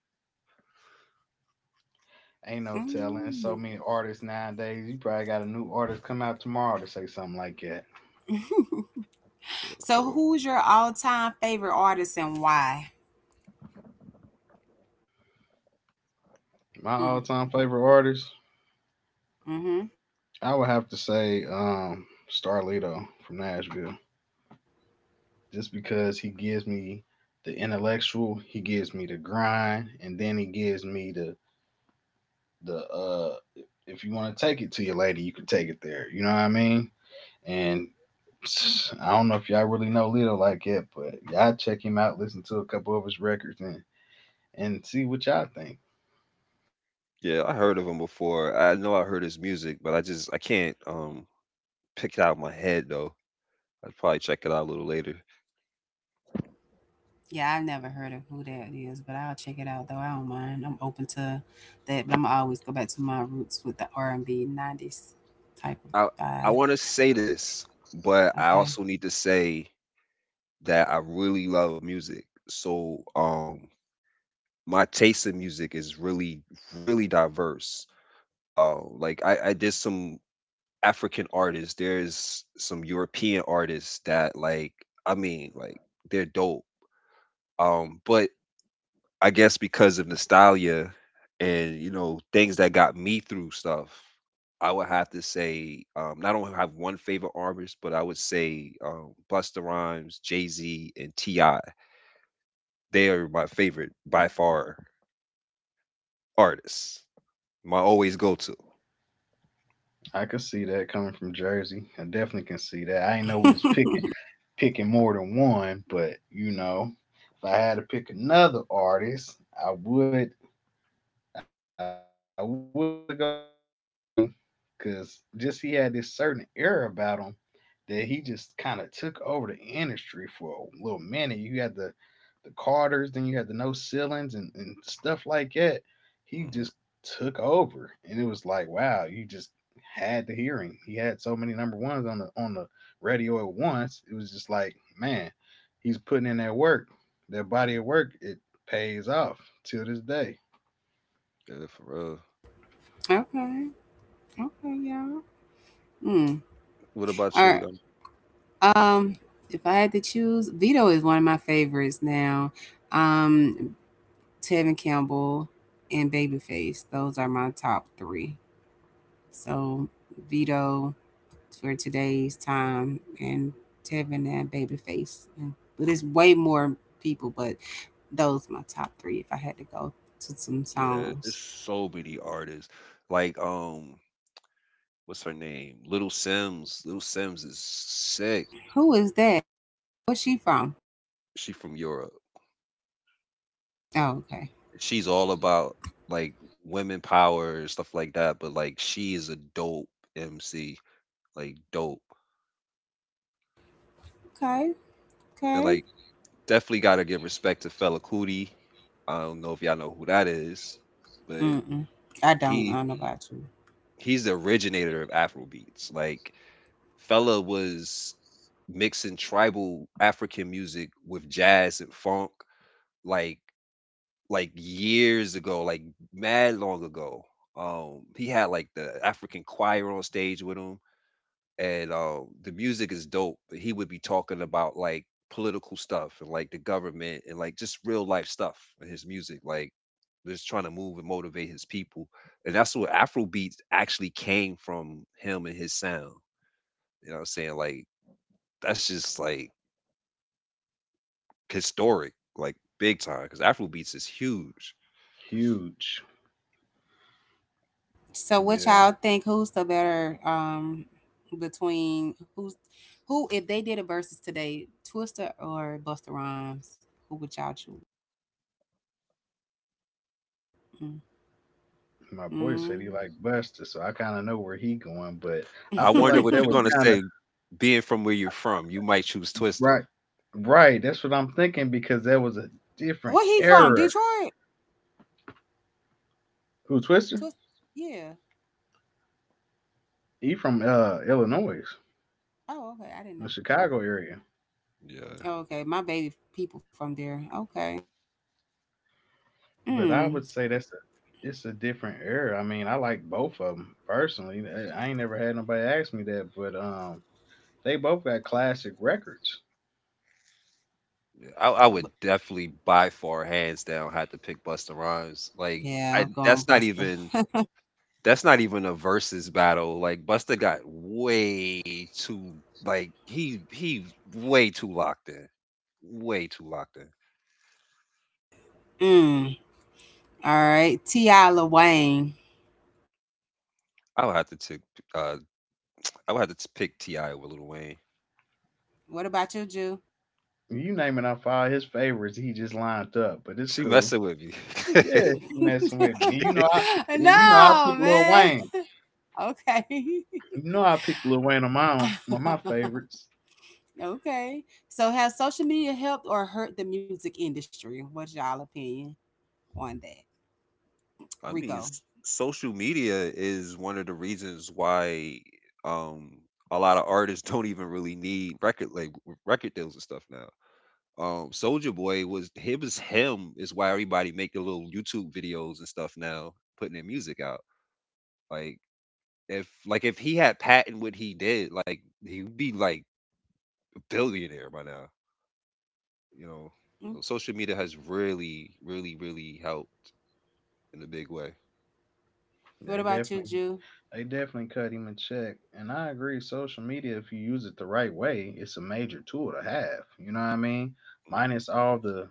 Speaker 2: Ain't no telling. So
Speaker 1: Mm.
Speaker 2: many artists nowadays. You probably got a new artist come out tomorrow to say something like that.
Speaker 3: True,
Speaker 1: So,
Speaker 3: true.
Speaker 1: who's your all-time favorite artist and why?
Speaker 2: My
Speaker 1: Mm.
Speaker 2: all time favorite artist,
Speaker 1: Mm-hmm.
Speaker 2: I would have to say Starlito from Nashville. Just because he gives me the intellectual, he gives me the grind, and then he gives me the the if you want to take it to your lady, you can take it there. You know what I mean? And I don't know if y'all really know Lito like that, but y'all check him out, listen to a couple of his records, and see what y'all think.
Speaker 3: Yeah, I heard of him before. I know I heard his music, but I just I can't pick it out of my head though. I'd probably check it out a little later.
Speaker 1: Yeah, I never heard of who that is, but I'll check it out though. I don't mind. I'm open to that, but I'm always go back to my roots with the R and B '90s type of
Speaker 3: I I
Speaker 1: vibe.
Speaker 3: want to say this, but I
Speaker 1: Okay.
Speaker 3: also need to say that I really love music. So my taste in music is really really diverse. Like I did some African artists. There's some European artists that, like, I mean, like, they're dope. But I guess because of nostalgia and, you know, things that got me through stuff, I would have to say, I don't have one favorite artist, but I would say, Busta Rhymes, Jay Z, and Ti. They are my favorite by far artists. My always go to.
Speaker 2: I could see that coming from Jersey. I definitely can see that. I didn't know we was picking more than one, but you know, if I had to pick another artist, I would I would go Lil Wayne, cause just he had this certain era about him that he just kind of took over the industry for a little minute. You had to the Carters, then you had the No Ceilings, and stuff like that. He just took
Speaker 3: Hmm.
Speaker 2: over, and it was like, wow, you just had to hear him. He had so many number ones on the radio at once. It was just like, man, he's putting in that work. That body of
Speaker 3: Hmm.
Speaker 2: work, it pays off till this day.
Speaker 3: Yeah, for real.
Speaker 1: Okay. Okay. Y'all. Hmm.
Speaker 3: What about
Speaker 1: Or
Speaker 3: you?
Speaker 1: um, if I had to choose, Vito is one of my favorites now. Um, Tevin Campbell and Babyface. Those are my top three. So Vito for today's time, and Tevin and Babyface. And, but it's way more people, but those my top three. If I had to go to some
Speaker 3: Yeah, there's
Speaker 1: songs,
Speaker 3: so many artists. Like, what's her name? Little Sims. Little Sims is sick.
Speaker 1: who is that? Where's she from?
Speaker 3: She from Europe.
Speaker 1: Oh, okay,
Speaker 3: She's all about, like, women power and stuff like that, but like she is a dope MC, like dope.
Speaker 1: okay,
Speaker 3: And
Speaker 1: okay.
Speaker 3: like definitely gotta give respect to Fella Cootie. I don't know if y'all know who that is, but
Speaker 1: Mm-mm. I don't. I
Speaker 3: he
Speaker 1: don't know about you.
Speaker 3: he's the originator of Afrobeats. Like Fella was mixing tribal African music with jazz and funk like like years ago, like mad long ago. He had like the African choir on stage with him and, the music is dope. But he would be talking about, like, political stuff and like the government and like just real life stuff in his music, like just trying to move and motivate his people. And that's what Afrobeats actually came from, him and his sound. You know what I'm saying? Like that's just like historic, like big time, because Afrobeats is huge.
Speaker 2: Huge.
Speaker 1: So what
Speaker 2: Yeah.
Speaker 1: y'all think? Who's the better, between who, if they did a versus today, Twister or Buster Rhymes? Who would y'all choose?
Speaker 2: My boy said he
Speaker 1: Mm.
Speaker 2: liked Buster, so I kind of know where he going, but I
Speaker 3: I
Speaker 2: feel
Speaker 3: wonder
Speaker 2: like
Speaker 3: what
Speaker 2: that
Speaker 3: you're
Speaker 2: was
Speaker 3: gonna
Speaker 1: Mm.
Speaker 2: kind of
Speaker 3: say. Being from where you're from, you might choose
Speaker 2: Right.
Speaker 3: Twister.
Speaker 2: Right, that's what I'm thinking, because that was a different
Speaker 1: Where he from?
Speaker 2: era.
Speaker 1: Detroit?
Speaker 2: Who, Twister?
Speaker 1: Twist? Yeah.
Speaker 2: He from Illinois,
Speaker 1: Oh, okay. I didn't
Speaker 2: the
Speaker 1: know.
Speaker 2: Chicago
Speaker 1: Okay.
Speaker 2: area.
Speaker 3: Yeah.
Speaker 1: Oh, okay. My baby people from there. Okay.
Speaker 2: But I would say
Speaker 1: Mm.
Speaker 2: that's a it's a different era. I mean, I like both of them personally. I ain't never had nobody ask me that, but they both got classic records.
Speaker 3: I would
Speaker 1: B-
Speaker 3: definitely by far hands down have to pick Busta Rhymes. Like
Speaker 1: Yeah, I'm
Speaker 3: I
Speaker 1: going
Speaker 3: that's not
Speaker 1: Buster.
Speaker 3: even, that's not even a versus battle. Like Busta got way too, like he way too locked in. Way too locked in.
Speaker 1: Mm. All right. T.I. Lil Wayne.
Speaker 3: I would have to tick uh I would have to t- pick T.I. over Lil Wayne.
Speaker 1: What about you, Jew?
Speaker 2: You name it, I find his favorites. He just lined up, but it's
Speaker 3: She
Speaker 2: cool.
Speaker 3: messing with me.
Speaker 2: Yeah, she messing with me, and you know I
Speaker 1: No,
Speaker 2: picked Lil
Speaker 1: man.
Speaker 2: Wayne.
Speaker 1: Okay.
Speaker 2: You know I picked Lil Wayne on my own, one of my favorites.
Speaker 1: Okay. So has social media helped or hurt the music industry? What's y'all opinion on that?
Speaker 3: I mean,
Speaker 1: Rico.
Speaker 3: social media is one of the reasons why um a lot of artists don't even really need record deals and stuff now. Soldier Boy was it was him is why everybody making little YouTube videos and stuff now, putting their music out. Like like if he had patent what he did, like he would be like a billionaire by now. You know,
Speaker 1: Mm?
Speaker 3: so social media has really, really, really helped in a big way.
Speaker 1: What
Speaker 2: They
Speaker 1: about you,
Speaker 2: definitely,
Speaker 1: Ju?
Speaker 2: they definitely cut him a check, and I agree. Social media, if you use it the right way, it's a major tool to have. You know what I mean?
Speaker 3: Hmm.
Speaker 2: Minus all the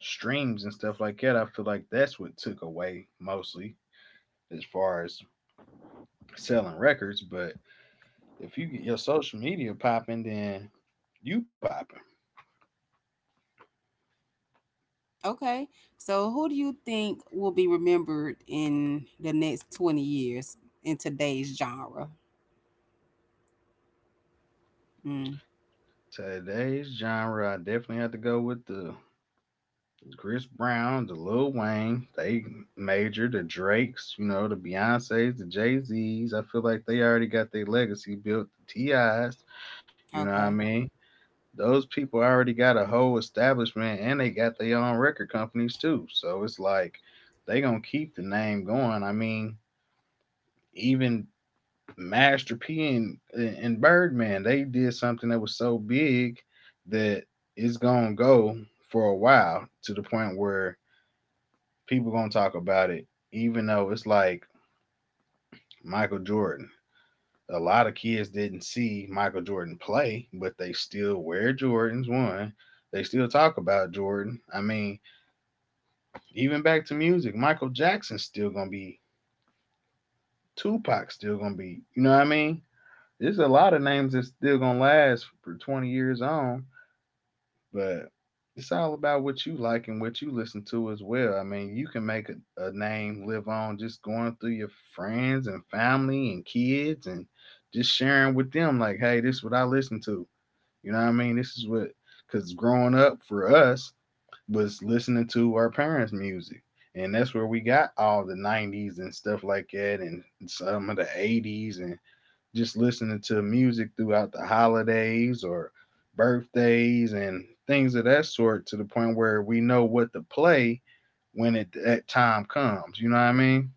Speaker 2: streams and stuff like that, I feel like that's what took away mostly as far as selling records. But if you get your social media popping, then you popping.
Speaker 1: Okay. So who do you think will be remembered in the next 20 years in today's genre? Mm.
Speaker 2: Today's genre, I definitely have to go with the Chris Brown, the Lil Wayne, they major, the Drakes, you know, the Beyonces, the Jay Z's. I feel like they already got their legacy built. The TIs, you know what I
Speaker 1: Okay.
Speaker 2: mean? Those people already got a whole establishment, and they got their own record companies too. So it's like they gonna keep the name going. I mean, even Master P and Birdman, they did something that was so big that it's gonna go for a while, to the point where people gonna talk about it, even though it's like Michael Jordan. A lot of kids didn't see Michael Jordan play, but they still wear Jordans. One, they still talk about Jordan. I mean, even back to music, Michael Jackson's still gonna be, Tupac's still gonna be. You know what I mean? There's a lot of names that's still gonna last for 20 years on. But it's all about what you like and what you listen to as well. I mean, you can make a name live on, just going through your friends and family and kids and just sharing with them, like, hey, this is what I listen to. You know what I mean? This is what, because growing up for us was listening to our parents' music. And that's where we got all the 90s and stuff like that, and some of the 80s, and just listening to music throughout the holidays or birthdays and things of that sort, to the point where we know what to play when it that time comes. You know what I mean?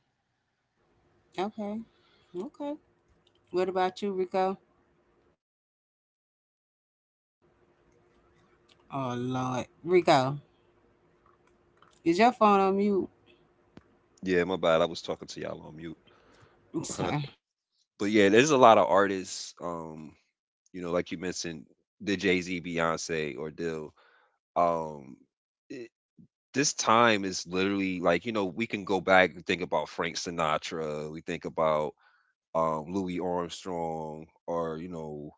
Speaker 1: Okay. Okay. What about you, Rico? Oh Lord. Rico, is your phone on mute?
Speaker 3: Yeah, my bad. I was talking to y'all on mute.
Speaker 1: Okay.
Speaker 3: But yeah, there's a lot of artists. You know, like you mentioned, the Jay Z, Beyonce, or Dill. Um, this time is literally like, you know, we can go back and think about Frank Sinatra, we think about, Louis Armstrong, or, you know,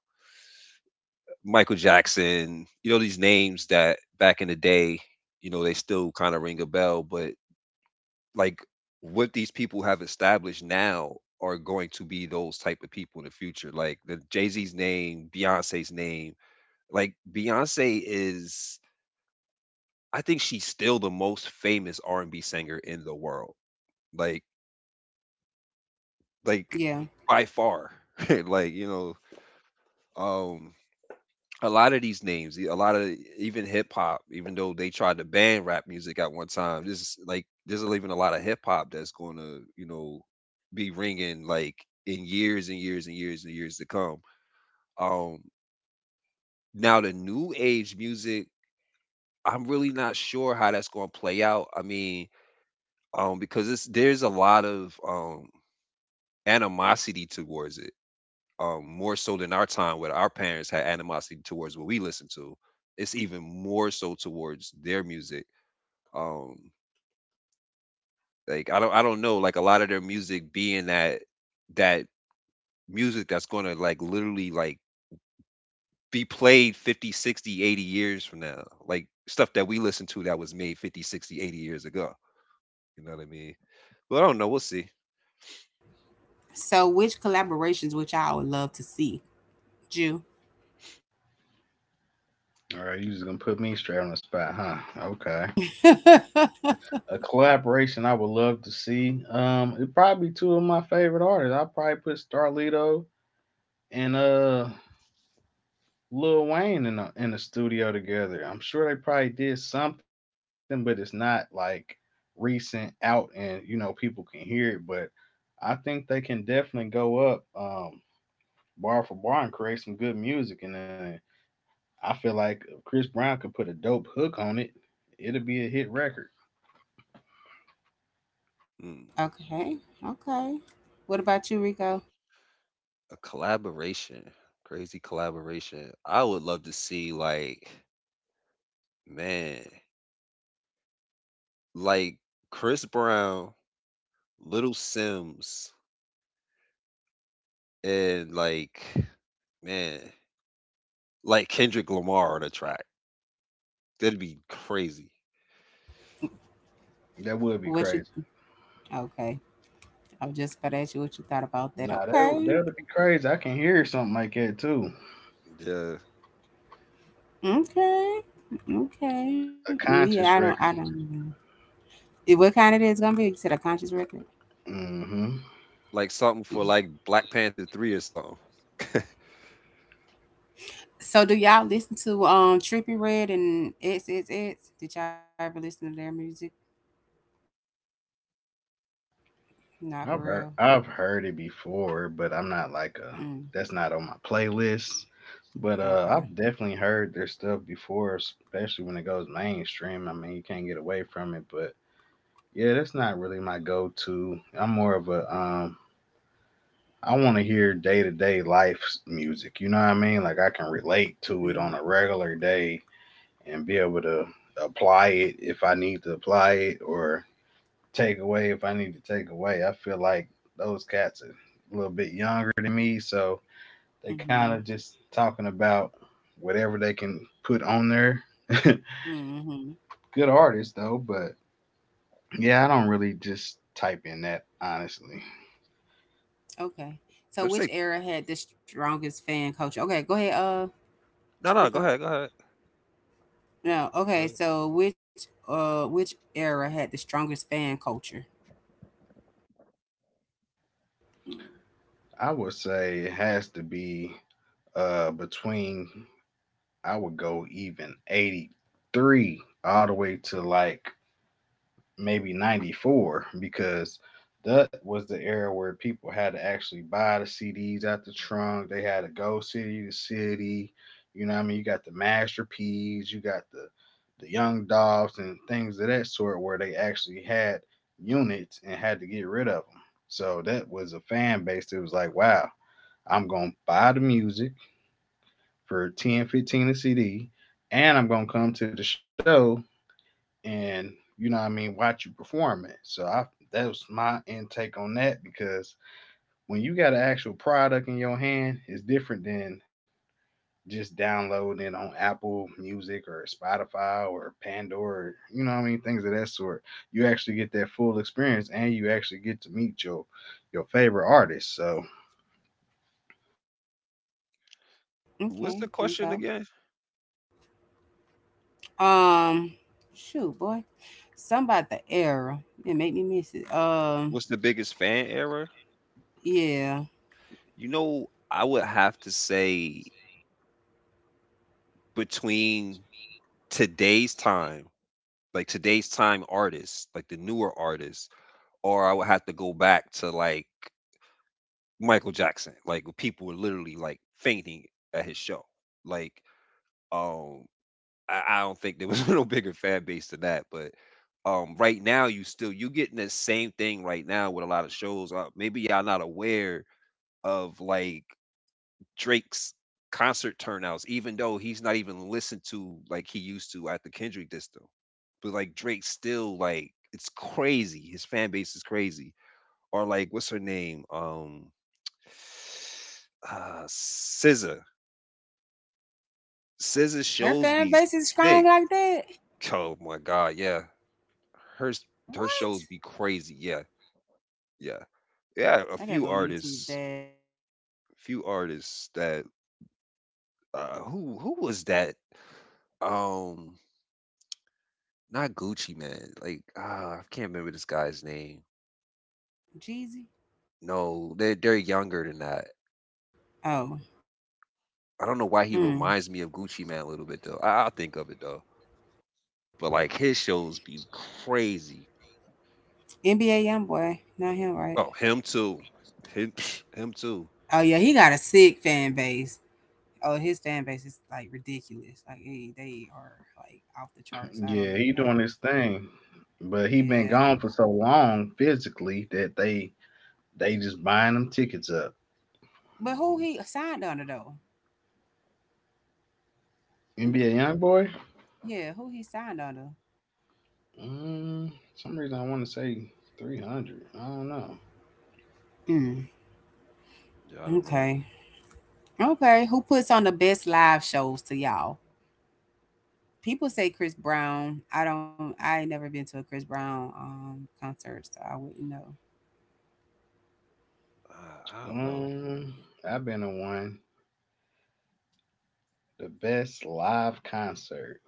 Speaker 3: Michael Jackson. You know these names that back in the day, you know, they still kind of ring a bell. But like what these people have established now are going to be those type of people in the future. Like the Jay Z's name, Beyonce's name. Like Beyonce is, I think she's still the most famous R and B singer in the world. Like like
Speaker 1: Yeah.
Speaker 3: by far. Like, you know, um a lot of these names, a lot of, even hip hop, even though they tried to ban rap music at one time, this is like there's even a lot of hip hop that's going to, you know, be ringing like in years and years and years and years to come. Um now the new age music, I'm really not sure how that's going to play out. I mean, because it's, there's a lot of animosity towards it, more so than our time where our parents had animosity towards what we listened to. It's even more so towards their music. Um, like I don't know, like a lot of their music being that, that music that's gonna, like, literally, like, be played 50, 60, 80 years from now. Like stuff that we listen to that was made 50, 60, 80 years ago. You know what I mean? But I don't know, we'll see.
Speaker 1: So, which collaborations which I would love to see, Jew?
Speaker 2: All right, you just gonna put me straight on the spot, huh? Okay.
Speaker 1: Okay,
Speaker 2: A collaboration I would love to see. It probably two of my favorite artists. I'll probably put Starlito and Lil Wayne in the studio together. I'm sure they probably did something, but it's not like recent out and you know people can hear it. But I think they can definitely go up bar for bar and create some good music. And then I feel like if Chris Brown could put a dope hook on it, it'll be a hit record.
Speaker 3: Mm.
Speaker 1: okay. What about you, Rico?
Speaker 3: A collaboration. Crazy collaboration. I would love to see, like, man, like Chris Brown, Little Sims, and, like, man, like Kendrick Lamar on a track. That'd be crazy.
Speaker 2: That would be
Speaker 1: What
Speaker 2: crazy.
Speaker 1: you? Okay, I was just about to ask you what you thought about
Speaker 2: Nah,
Speaker 1: that.
Speaker 2: that would be
Speaker 1: Okay,
Speaker 2: crazy. I can hear something like that too.
Speaker 3: Yeah,
Speaker 1: okay, okay.
Speaker 2: A
Speaker 1: Me, I
Speaker 2: conscious
Speaker 1: don't, I
Speaker 2: record.
Speaker 1: don't. Know. Eh, what kind it is gonna be? You said a conscious record.
Speaker 2: Mm hmm
Speaker 3: like something for
Speaker 1: Mm.
Speaker 3: like Black Panther 3 or something.
Speaker 1: So, do y'all listen to Trippy Red and It's? Did y'all ever listen to their music? Not for
Speaker 2: I've
Speaker 1: real.
Speaker 2: heard it before, but I'm not like a
Speaker 1: Mm,
Speaker 2: that's not on my playlist. But
Speaker 1: okay.
Speaker 2: I've definitely heard their stuff before, especially when it goes mainstream. I mean, you can't get away from it. But yeah, that's not really my go-to. I'm more of a I want to hear day-to-day life music. You know what I mean? Like I can relate to it
Speaker 1: Mm,
Speaker 2: on a regular day and be able to apply it if I need to apply it, or take away if I need to take away. I feel like those cats are a little bit younger than me, so they kind
Speaker 1: mm-hmm.
Speaker 2: of just talking about whatever they can put on there.
Speaker 1: Mm-hmm.
Speaker 2: Good artist though, but yeah, I don't really just type in that honestly.
Speaker 1: Okay. So
Speaker 3: Just
Speaker 1: which
Speaker 3: say
Speaker 1: era had the strongest fan culture? Okay, go ahead,
Speaker 3: no, no. Go
Speaker 1: Rico.
Speaker 3: ahead, go ahead.
Speaker 1: No,
Speaker 3: Uh,
Speaker 1: okay, so which era had the strongest fan culture? Mm,
Speaker 2: I would say it has to be between I would go even 83 all the way to like maybe 94, because that was the era where people had to actually buy the CDs out the trunk. They had to go city to city. You know what I mean? You got the Master P's, you got the Young Dogs and things of that sort, where they actually had units and had to get rid of them. So that was a fan base that was like, wow, I'm going to buy the music for $10, $15 a CD, and I'm going to come to the show and, you know what I mean, watch you perform it. So I that was my intake on that, because when you got an actual product in your hand, it's different than just downloading it on Apple Music or Spotify or Pandora, or, you know what I mean, things of that sort. You actually get that full experience and you actually get to meet your favorite artist. So
Speaker 1: okay,
Speaker 3: What's the
Speaker 1: Rico.
Speaker 3: question again?
Speaker 1: Um, shoot boy. Something about the era. It made me miss it.
Speaker 3: What's the biggest fan error?
Speaker 1: Yeah.
Speaker 3: You know, I would have to say between today's time, like today's time artists, like the newer artists, or I would have to go back to like Michael Jackson. Like people were literally like fainting at his show. Like um I don't think there was no bigger fan base than that. But right now you getting the same thing right now with a lot of shows. Maybe y'all not aware of like Drake's concert turnouts, even though he's not even listened to like he used to at the Kendrick disco. But like Drake still, like, it's crazy. His fan base is crazy. Or like what's her name? Scissor. Scissor
Speaker 1: Her
Speaker 3: shows
Speaker 1: fan
Speaker 3: be
Speaker 1: base is strong
Speaker 3: sick.
Speaker 1: like that?
Speaker 3: Oh my god, yeah. Her s- her
Speaker 1: What?
Speaker 3: shows be crazy. Yeah, yeah, yeah.
Speaker 1: I
Speaker 3: A
Speaker 1: gotta go
Speaker 3: few
Speaker 1: YouTube
Speaker 3: artists,
Speaker 1: that.
Speaker 3: few artists that, who was that? Um, not Gucci man. Like, I can't remember this guy's name.
Speaker 1: Jeezy?
Speaker 3: No, they're younger than that.
Speaker 1: Oh.
Speaker 3: I don't know why he
Speaker 1: Mm.
Speaker 3: reminds me of Gucci man a little bit though. I'll think of it though. But like his shows be crazy.
Speaker 1: NBA Youngboy. Not him, right?
Speaker 3: Oh, him too. Him, him too.
Speaker 1: Oh yeah, he got a sick fan base. Oh, his fan base is like ridiculous. Like they are like off the charts. I don't
Speaker 2: yeah, he
Speaker 1: even
Speaker 2: doing
Speaker 1: know.
Speaker 2: his thing. But he been
Speaker 1: Yeah,
Speaker 2: gone for so long physically that they just buying them tickets up.
Speaker 1: but who
Speaker 3: Hmm.
Speaker 1: he signed under though? Mm,
Speaker 2: NBA Youngboy?
Speaker 1: yeah, who he signed under?
Speaker 2: Some reason I want to say 300. I don't know.
Speaker 1: Mm,
Speaker 3: Yeah, I don't know.
Speaker 1: okay, okay. Who puts on the best live shows to y'all? People say Chris Brown. I don't. I ain't never been to a Chris Brown concert, so I wouldn't know.
Speaker 3: I don't know.
Speaker 2: Um, I've been to one. The best live concert.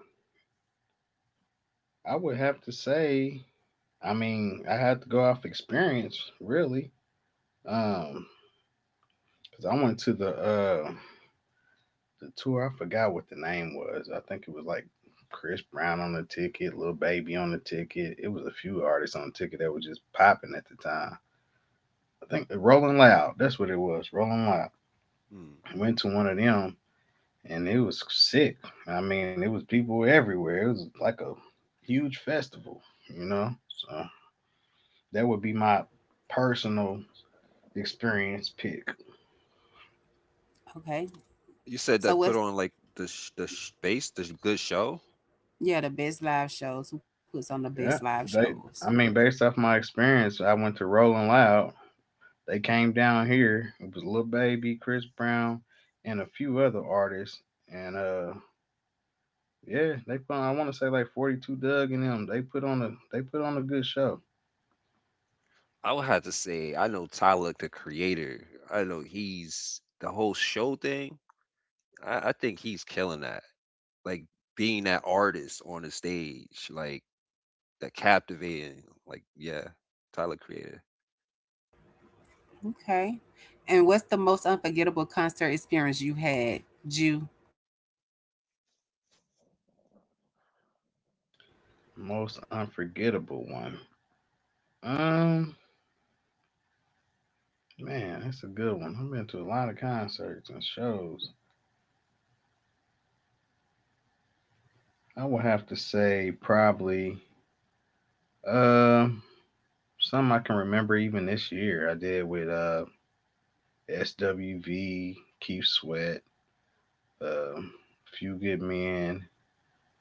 Speaker 2: I would have to say, I mean, I had to go off experience, really. Um, because I went to the tour. I forgot what the name was. I think it was like Chris Brown on the ticket, Little Baby on the ticket. It was a few artists on the ticket that was just popping at the time. I think Rolling Loud. That's what it was. Rolling Loud.
Speaker 3: Hmm.
Speaker 2: Went to one of them and it was sick. I mean, it was people everywhere. It was like a huge festival, you know. So that would be my personal experience pick.
Speaker 1: Okay,
Speaker 3: You said that
Speaker 1: so
Speaker 3: put on
Speaker 1: what's,
Speaker 3: like the space, the good show.
Speaker 1: yeah, the best live shows? Who puts on the
Speaker 2: Yeah,
Speaker 1: best live
Speaker 2: they.
Speaker 1: shows?
Speaker 2: I mean, based off my experience, I went to Rolling Loud. They came down here. It was Lil Baby, Chris Brown, and a few other artists. And Yeah, they put. On, I want to say like 42 Doug and them. They put on a. They put on a good show.
Speaker 3: I would have to say I know Tyler the Creator. I know he's the whole show thing. I think he's killing that. Like being that artist on the stage, like that captivating. Like, yeah, Tyler Creator.
Speaker 1: Okay. And what's the most unforgettable concert experience you had? Jew.
Speaker 2: Most unforgettable one. Um, Man, that's a good one. I've been to a lot of concerts and shows. I would have to say probably uh, some I can remember even this year. I did with SWV, Keith Sweat, uh, Few Good Men,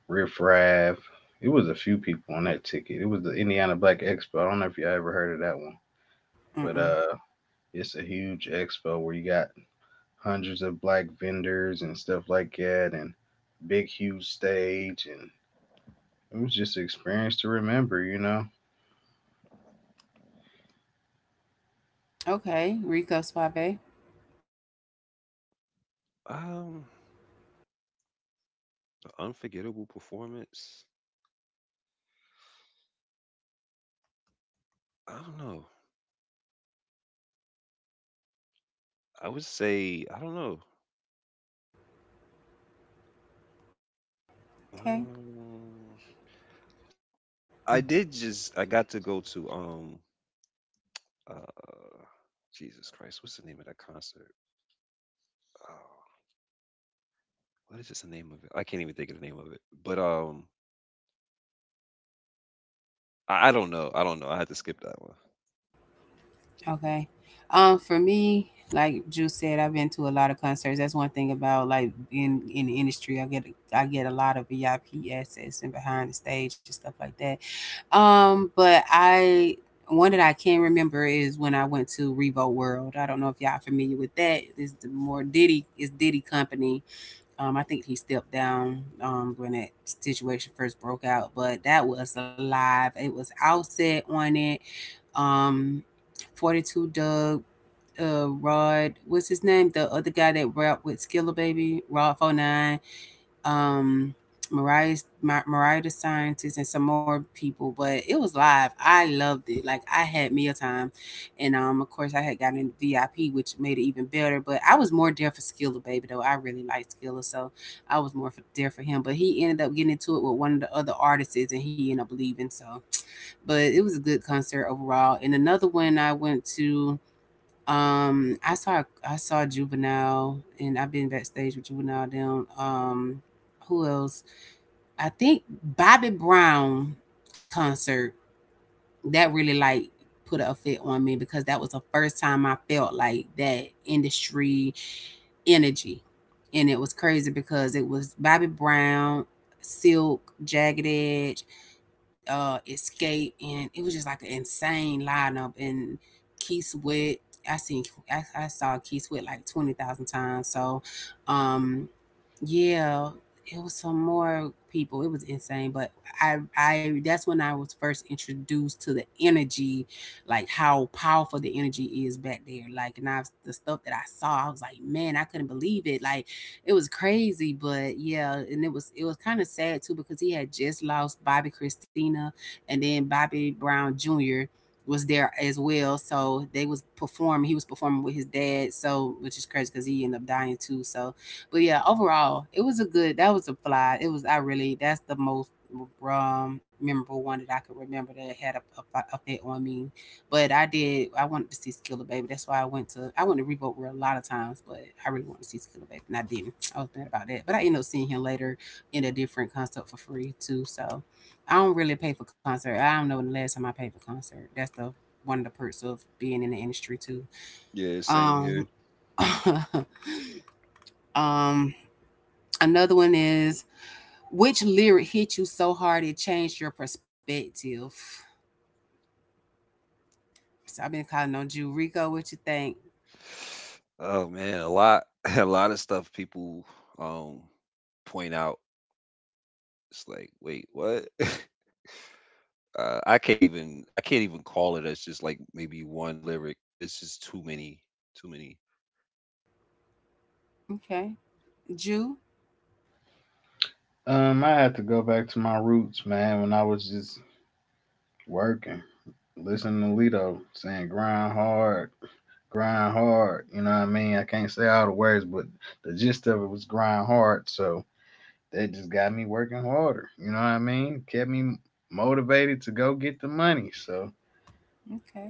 Speaker 2: Riff Raff. It was a few people on that ticket. It was the Indiana Black Expo. I don't know if you ever heard of that one, but
Speaker 1: Mm-mm.
Speaker 2: uh, it's a huge expo where you got hundreds of black vendors and stuff like that, and big huge stage and it was just an experience to remember, you know.
Speaker 1: Okay. Rico Suave.
Speaker 3: Um, unforgettable performance. I don't know. I would say I don't know.
Speaker 1: Okay.
Speaker 3: Um,
Speaker 1: Mm,
Speaker 3: I did just I got to go to uh Jesus Christ, what's the name of that concert? Oh, what is just the name of it? I can't even think of the name of it. But I don't know. I don't know. I had to skip that one.
Speaker 1: okay. For me, like Juice said, I've been to a lot of concerts. That's one thing about, like, being in the industry. I get a lot of VIP access and behind the stage and stuff like that. But I one that I can remember is when I went to Revo World. I don't know if y'all familiar with that. It's the more Diddy, is Diddy Company. I think he stepped down when that situation first broke out, but that was live. It was Outset on it. Um, 42 Doug, Rod, what's his name? The other guy that rapped with Skilla Baby, Rod 49, um Mariah Mariah the scientist, and some more people, but it was live. I loved it. Like I had meal time, and of course I had gotten in VIP, which made it even better. But I was more there for Skilla Baby though. I really liked Skilla, so I was more there for him. But he ended up getting into it with one of the other artists, and he ended up leaving. So, but it was a good concert overall. And another one I went to. Um, I saw I saw Juvenile, and I've been backstage with Juvenile. Down. Who else? I think Bobby Brown concert that really like put a fit on me, because that was the first time I felt like that industry energy. And it was crazy because it was Bobby Brown, Silk, Jagged Edge, Escape, and it was just like an insane lineup. And Keith Sweat, I seen I saw Keith Sweat like 20,000 times. So, um, yeah, it was some more people. It was insane, but I that's when I was first introduced to the energy, like how powerful the energy is back there. Like and I the stuff that I saw, I was like, man, I couldn't believe it. Like it was crazy, but yeah, and it was kind of sad too because he had just lost Bobby Christina, and then Bobby Brown Jr. was there as well. So they was performing. He was performing with his dad. So which is crazy because he ended up dying too. So but yeah, overall, it was a good. That was a fly. It was. I really. That's the most memorable one that I could remember that had effect on me. But I did. I wanted to see Skiller Baby. That's why I went to. I went to Revolt World a lot of times, but I really wanted to see Skiller Baby, and I didn't. I was mad about that. But I ended up seeing him later in a different concert for free too. So I don't really pay for concert. I don't know the last time I paid for concert. That's the one of the perks of being in the industry too.
Speaker 3: Yeah, same
Speaker 1: Um.
Speaker 3: here.
Speaker 1: um another one is, which lyric hit you so hard it changed your perspective? So I've been calling on Jew. Rico, what you think?
Speaker 3: Oh man, a lot a lot of stuff people um point out. It's like, wait, what? I can't even call it as just like maybe one lyric. It's just too many, too many.
Speaker 1: Okay. Jew?
Speaker 2: I had to go back to my roots, man, when I was just working, listening to Lito saying grind hard, you know what I mean? I can't say all the words, but the gist of it was grind hard, so that just got me working harder, you know what I mean? Kept me motivated to go get the money. So
Speaker 1: Okay.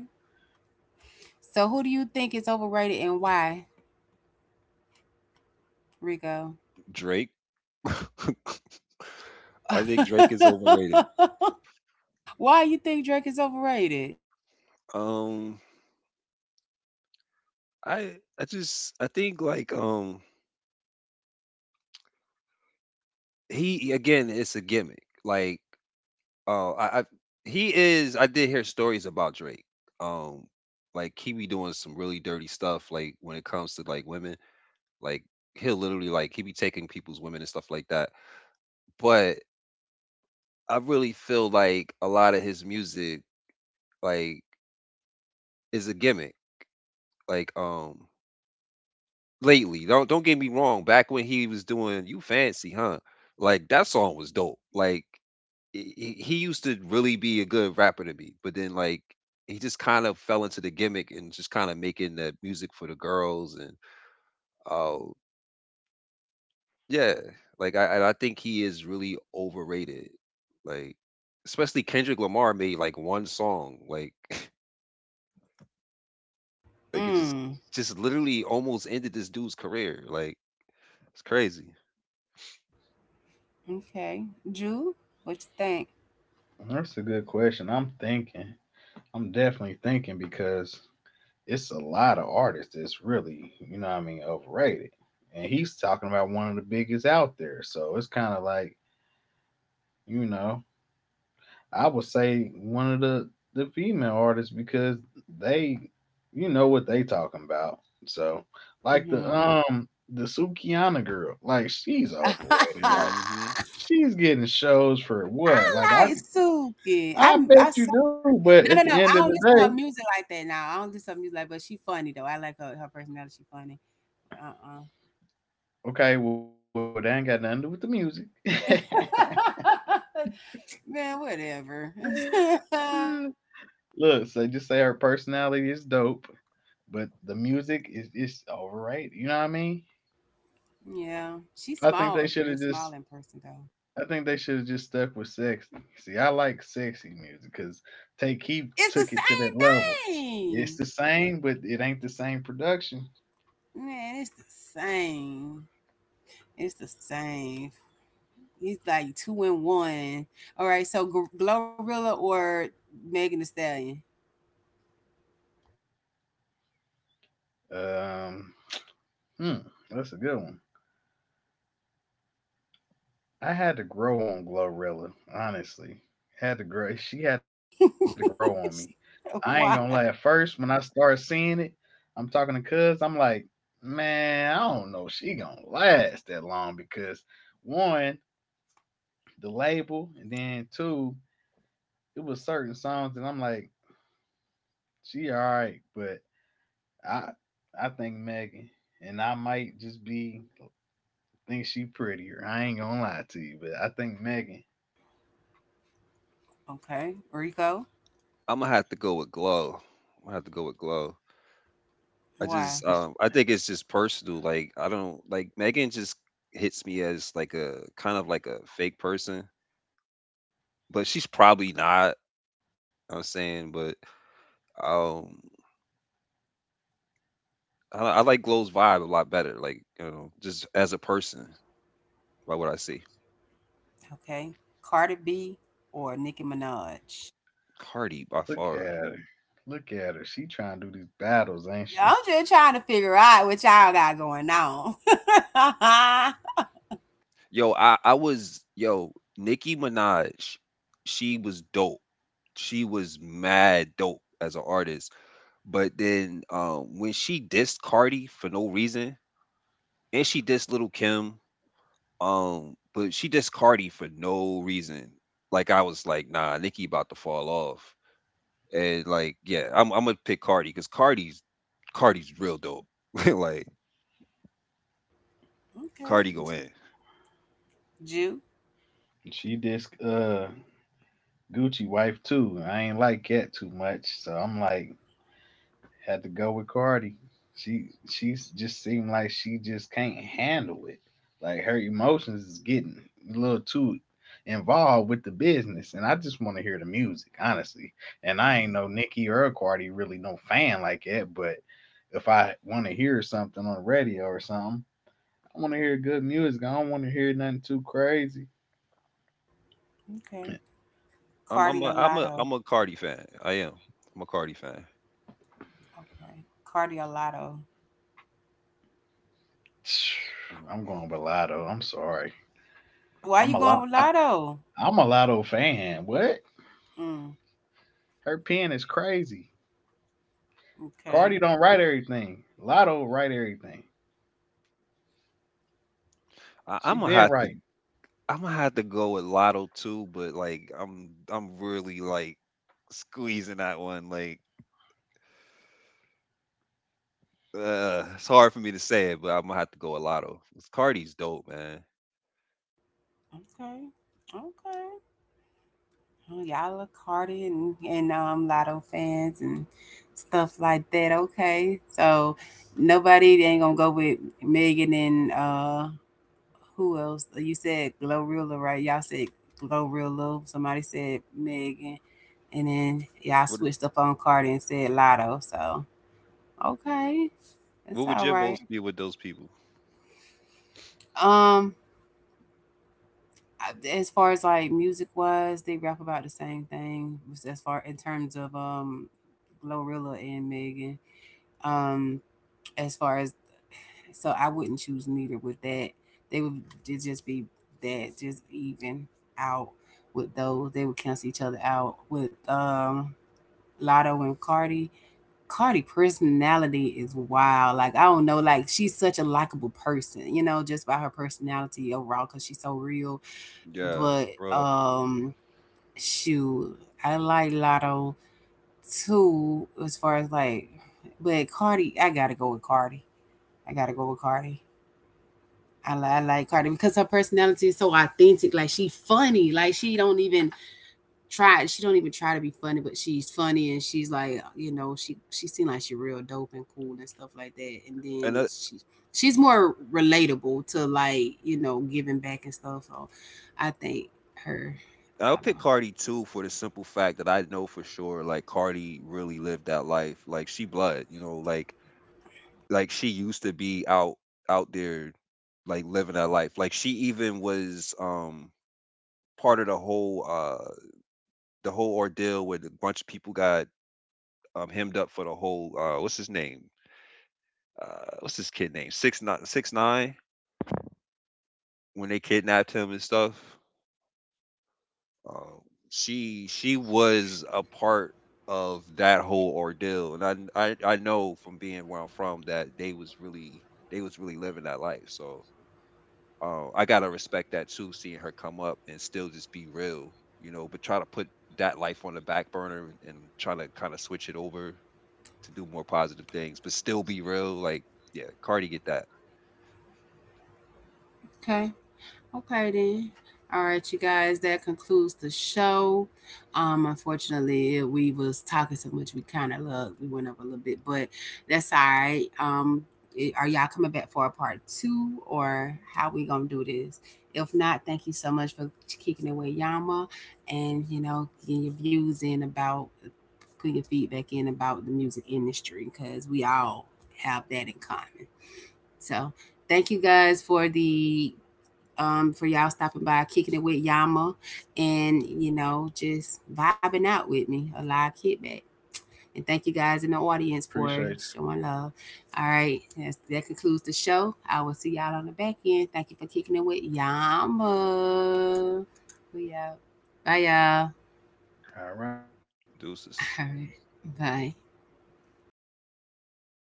Speaker 1: So who do you think is overrated and why, Rico?
Speaker 3: Drake. I think Drake is overrated.
Speaker 1: Why you think Drake is overrated?
Speaker 3: Um, I I just I think like he again it's a gimmick. Like I he is I did hear stories about Drake. Um, like he be doing some really dirty stuff. Like when it comes to like women, like he'll literally like he be taking people's women and stuff like that. But I really feel like a lot of his music like is a gimmick. Like lately. Don't get me wrong. Back when he was doing "You Fancy," huh? Like that song was dope. Like he used to really be a good rapper to me, but then like he just kind of fell into the gimmick and just kind of making the music for the girls and oh yeah, like I think he is really overrated. Like especially Kendrick Lamar made like one song like like it just
Speaker 1: Mm.
Speaker 3: just literally almost ended this dude's career. Like it's crazy.
Speaker 1: Okay. Jew, what you think?
Speaker 2: that's a good question. I'm thinking. I'm definitely thinking because it's a lot of artists that's really, you know what I mean, overrated. And he's talking about one of the biggest out there. So it's kind of like, you know, I would say one of the female artists because they, you know what they talking about. So like
Speaker 1: Mm-hmm.
Speaker 2: the Sukianna girl, like she's overrated. Like
Speaker 3: Mm-hmm.
Speaker 1: I
Speaker 2: she's getting shows for what? Like
Speaker 1: like
Speaker 2: I could,
Speaker 1: Suki. I am
Speaker 2: I
Speaker 1: I
Speaker 2: bet
Speaker 1: saw
Speaker 2: you do, but
Speaker 1: no,
Speaker 2: at
Speaker 1: no, no.
Speaker 2: the
Speaker 1: I
Speaker 2: end of
Speaker 1: don't
Speaker 2: the
Speaker 1: listen to
Speaker 2: day,
Speaker 1: her music like that now. I don't listen to her music like but she funny though. I like her personality, she funny. Uh
Speaker 2: okay, well, they ain't got nothing to do with the music.
Speaker 1: uh Man, whatever.
Speaker 2: Look, so just say her personality is dope, but the music is overrated. You know what I mean?
Speaker 1: Yeah. She's
Speaker 2: I think
Speaker 1: small,
Speaker 2: they
Speaker 1: a
Speaker 2: should
Speaker 1: real
Speaker 2: have just.
Speaker 1: small in person, though.
Speaker 2: I think they should have just stuck with sexy. See, I like sexy music because Take Keith
Speaker 1: It's
Speaker 2: took
Speaker 1: the
Speaker 2: it to that level.
Speaker 1: same
Speaker 2: It's
Speaker 1: thing.
Speaker 2: the same, but it ain't the same production.
Speaker 1: Man, it's the same. It's the same. It's like two in one. All right, so Glorilla or Megan Thee Stallion?
Speaker 2: Um, hmm, that's a good one. I had to grow on Glorilla, honestly. Had to grow. She had to grow on me. I ain't gonna lie. At
Speaker 1: Why?
Speaker 2: first, when I started seeing it, I'm talking to Cuz. I'm like, man, I don't know. If she gonna last that long because one, the label, and then two, it was certain songs, and I'm like, she all right, but I, I think Megan, and I might just be think she prettier. I ain't gonna lie to you, but I think Megan.
Speaker 1: Okay. Rico?
Speaker 3: I'm gonna have to go with Glow. I'm gonna have to go with Glow. I
Speaker 1: Why?
Speaker 3: just I think it's just personal. Like I don't like Megan just hits me as like a kind of like a fake person, but she's probably not. I'm saying, but um I like Glow's vibe a lot better. Like you know just as a person, by what I see,
Speaker 1: Okay. Cardi B or Nicki Minaj?
Speaker 3: Cardi by
Speaker 2: Look at
Speaker 3: far.
Speaker 2: her. Look at her. She trying to do these battles, ain't she?
Speaker 1: I'm just trying to figure out what y'all got going on.
Speaker 3: Yo, I was yo Nicki Minaj. She was dope. She was mad dope as an artist. But then when she dissed Cardi for no reason, and she dissed Little Kim, but she dissed Cardi for no reason. Like I was like, nah, Nicki about to fall off, and like, yeah, I'm gonna pick Cardi because Cardi's real dope. like Cardi
Speaker 1: Okay.
Speaker 3: go in.
Speaker 1: Jew.
Speaker 2: She this Gucci wife too. I ain't like Cat too much, so I'm like had to go with Cardi. She's just seemed like she just can't handle it. Like her emotions is getting a little too involved with the business, and I just want to hear the music, honestly. And I ain't
Speaker 3: Mhm.
Speaker 2: no Nicki or Cardi really no fan like that, but if I want to hear something on the radio or something, I want to hear good music. I don't want to hear nothing too crazy.
Speaker 1: Okay.
Speaker 3: I'm I'm
Speaker 1: Cardio
Speaker 3: a I'm a
Speaker 1: Lotto.
Speaker 3: I'm a Cardi fan. I am. I'm a Cardi fan.
Speaker 1: Okay. Cardio Lotto.
Speaker 3: Mhm.
Speaker 2: I'm going with Lotto. I'm sorry.
Speaker 1: Why
Speaker 2: I'm
Speaker 1: you
Speaker 2: a
Speaker 1: going
Speaker 2: lot.
Speaker 1: with Lotto?
Speaker 2: I'm a Lotto fan. What?
Speaker 1: Mm.
Speaker 2: Her pen is crazy.
Speaker 1: Okay.
Speaker 2: Cardi don't write everything. Lotto write everything. She
Speaker 3: I, I'm
Speaker 2: been
Speaker 3: gonna have
Speaker 2: right.
Speaker 3: to I'm gonna have to go with Lotto too, but like I'm really like squeezing that one. Like it's hard for me to say it, but I'm gonna have to go with Lotto. 'Cause Cardi's dope, man.
Speaker 1: Okay. Okay. Oh, y'all are Cardi and Lotto fans and stuff like that. Okay. So nobody ain't gonna go with Megan and who else? You said Glorilla, right? Y'all said Glorilla. Somebody said Megan, and then y'all
Speaker 3: What
Speaker 1: switched up on Cardi and said Lotto. So okay, that's
Speaker 3: what would
Speaker 1: all
Speaker 3: your
Speaker 1: right.
Speaker 3: votes be with those people?
Speaker 1: Um, as far as like music wise, they rap about the same thing. Was As far in terms of Glorilla and Megan. Um, as far as So I wouldn't choose neither with that. They would ju- just be that, just even out with those. They would cancel each other out with Lotto and Cardi. Cardi personality is wild. Like I don't know, like she's such a likable person, you know, just by her personality overall, cause she's so real.
Speaker 3: Yeah,
Speaker 1: But
Speaker 3: Roto.
Speaker 1: um, shoot, I like Lotto too, as far as like, but Cardi, I gotta go with Cardi. I gotta go with Cardi. I like Cardi because her personality is so authentic. Like she's funny. Like she don't even try. She don't even try to be funny, but she's funny and she's like, you know, she seems like she real dope and cool and stuff like that. And
Speaker 3: And
Speaker 1: then she she's more relatable to like you know giving back and stuff. So I think her. I
Speaker 3: I'll
Speaker 1: don't
Speaker 3: pick
Speaker 1: know.
Speaker 3: Cardi too for the simple fact that I know for sure, like Cardi really lived that life. Like she blood, you know, like she used to be out there, like living that life. Like she even was part of the whole ordeal where a bunch of people got hemmed up for the whole what's his kid name? 6ix9ine, 6ix9ine. When they kidnapped him and stuff, uh, she was a part of that whole ordeal, and I know from being where I'm from that they was really living that life. So I gotta respect that too, seeing her come up and still just be real, you know, but try to put that life on the back burner and try to kind of switch it over to do more positive things, but still be real. Like, yeah, Cardi get that.
Speaker 1: Okay. Okay then. All right, you guys, that concludes the show. Unfortunately, we was talking so much we kind of look we went up a little bit, but that's all right. I- are y'all coming back for a part two or how we gonna do this? If not, thank you so much for kicking it with Yama, and you know, getting your views in about put your feedback in about the music industry because we all have that in common. So thank you guys for the for y'all stopping by, kicking it with Yama, and you know, just vibing out with me, a live kickback. And thank you
Speaker 2: Appreciate.
Speaker 1: guys in the audience for showing love. All right, that concludes the show. I will see y'all on the back end. Thank you for kicking it with Yama. We
Speaker 2: You. All
Speaker 1: out.
Speaker 2: right.
Speaker 1: Bye, y'all.
Speaker 2: See ya.
Speaker 1: All
Speaker 3: Deuces.
Speaker 1: right. Bye.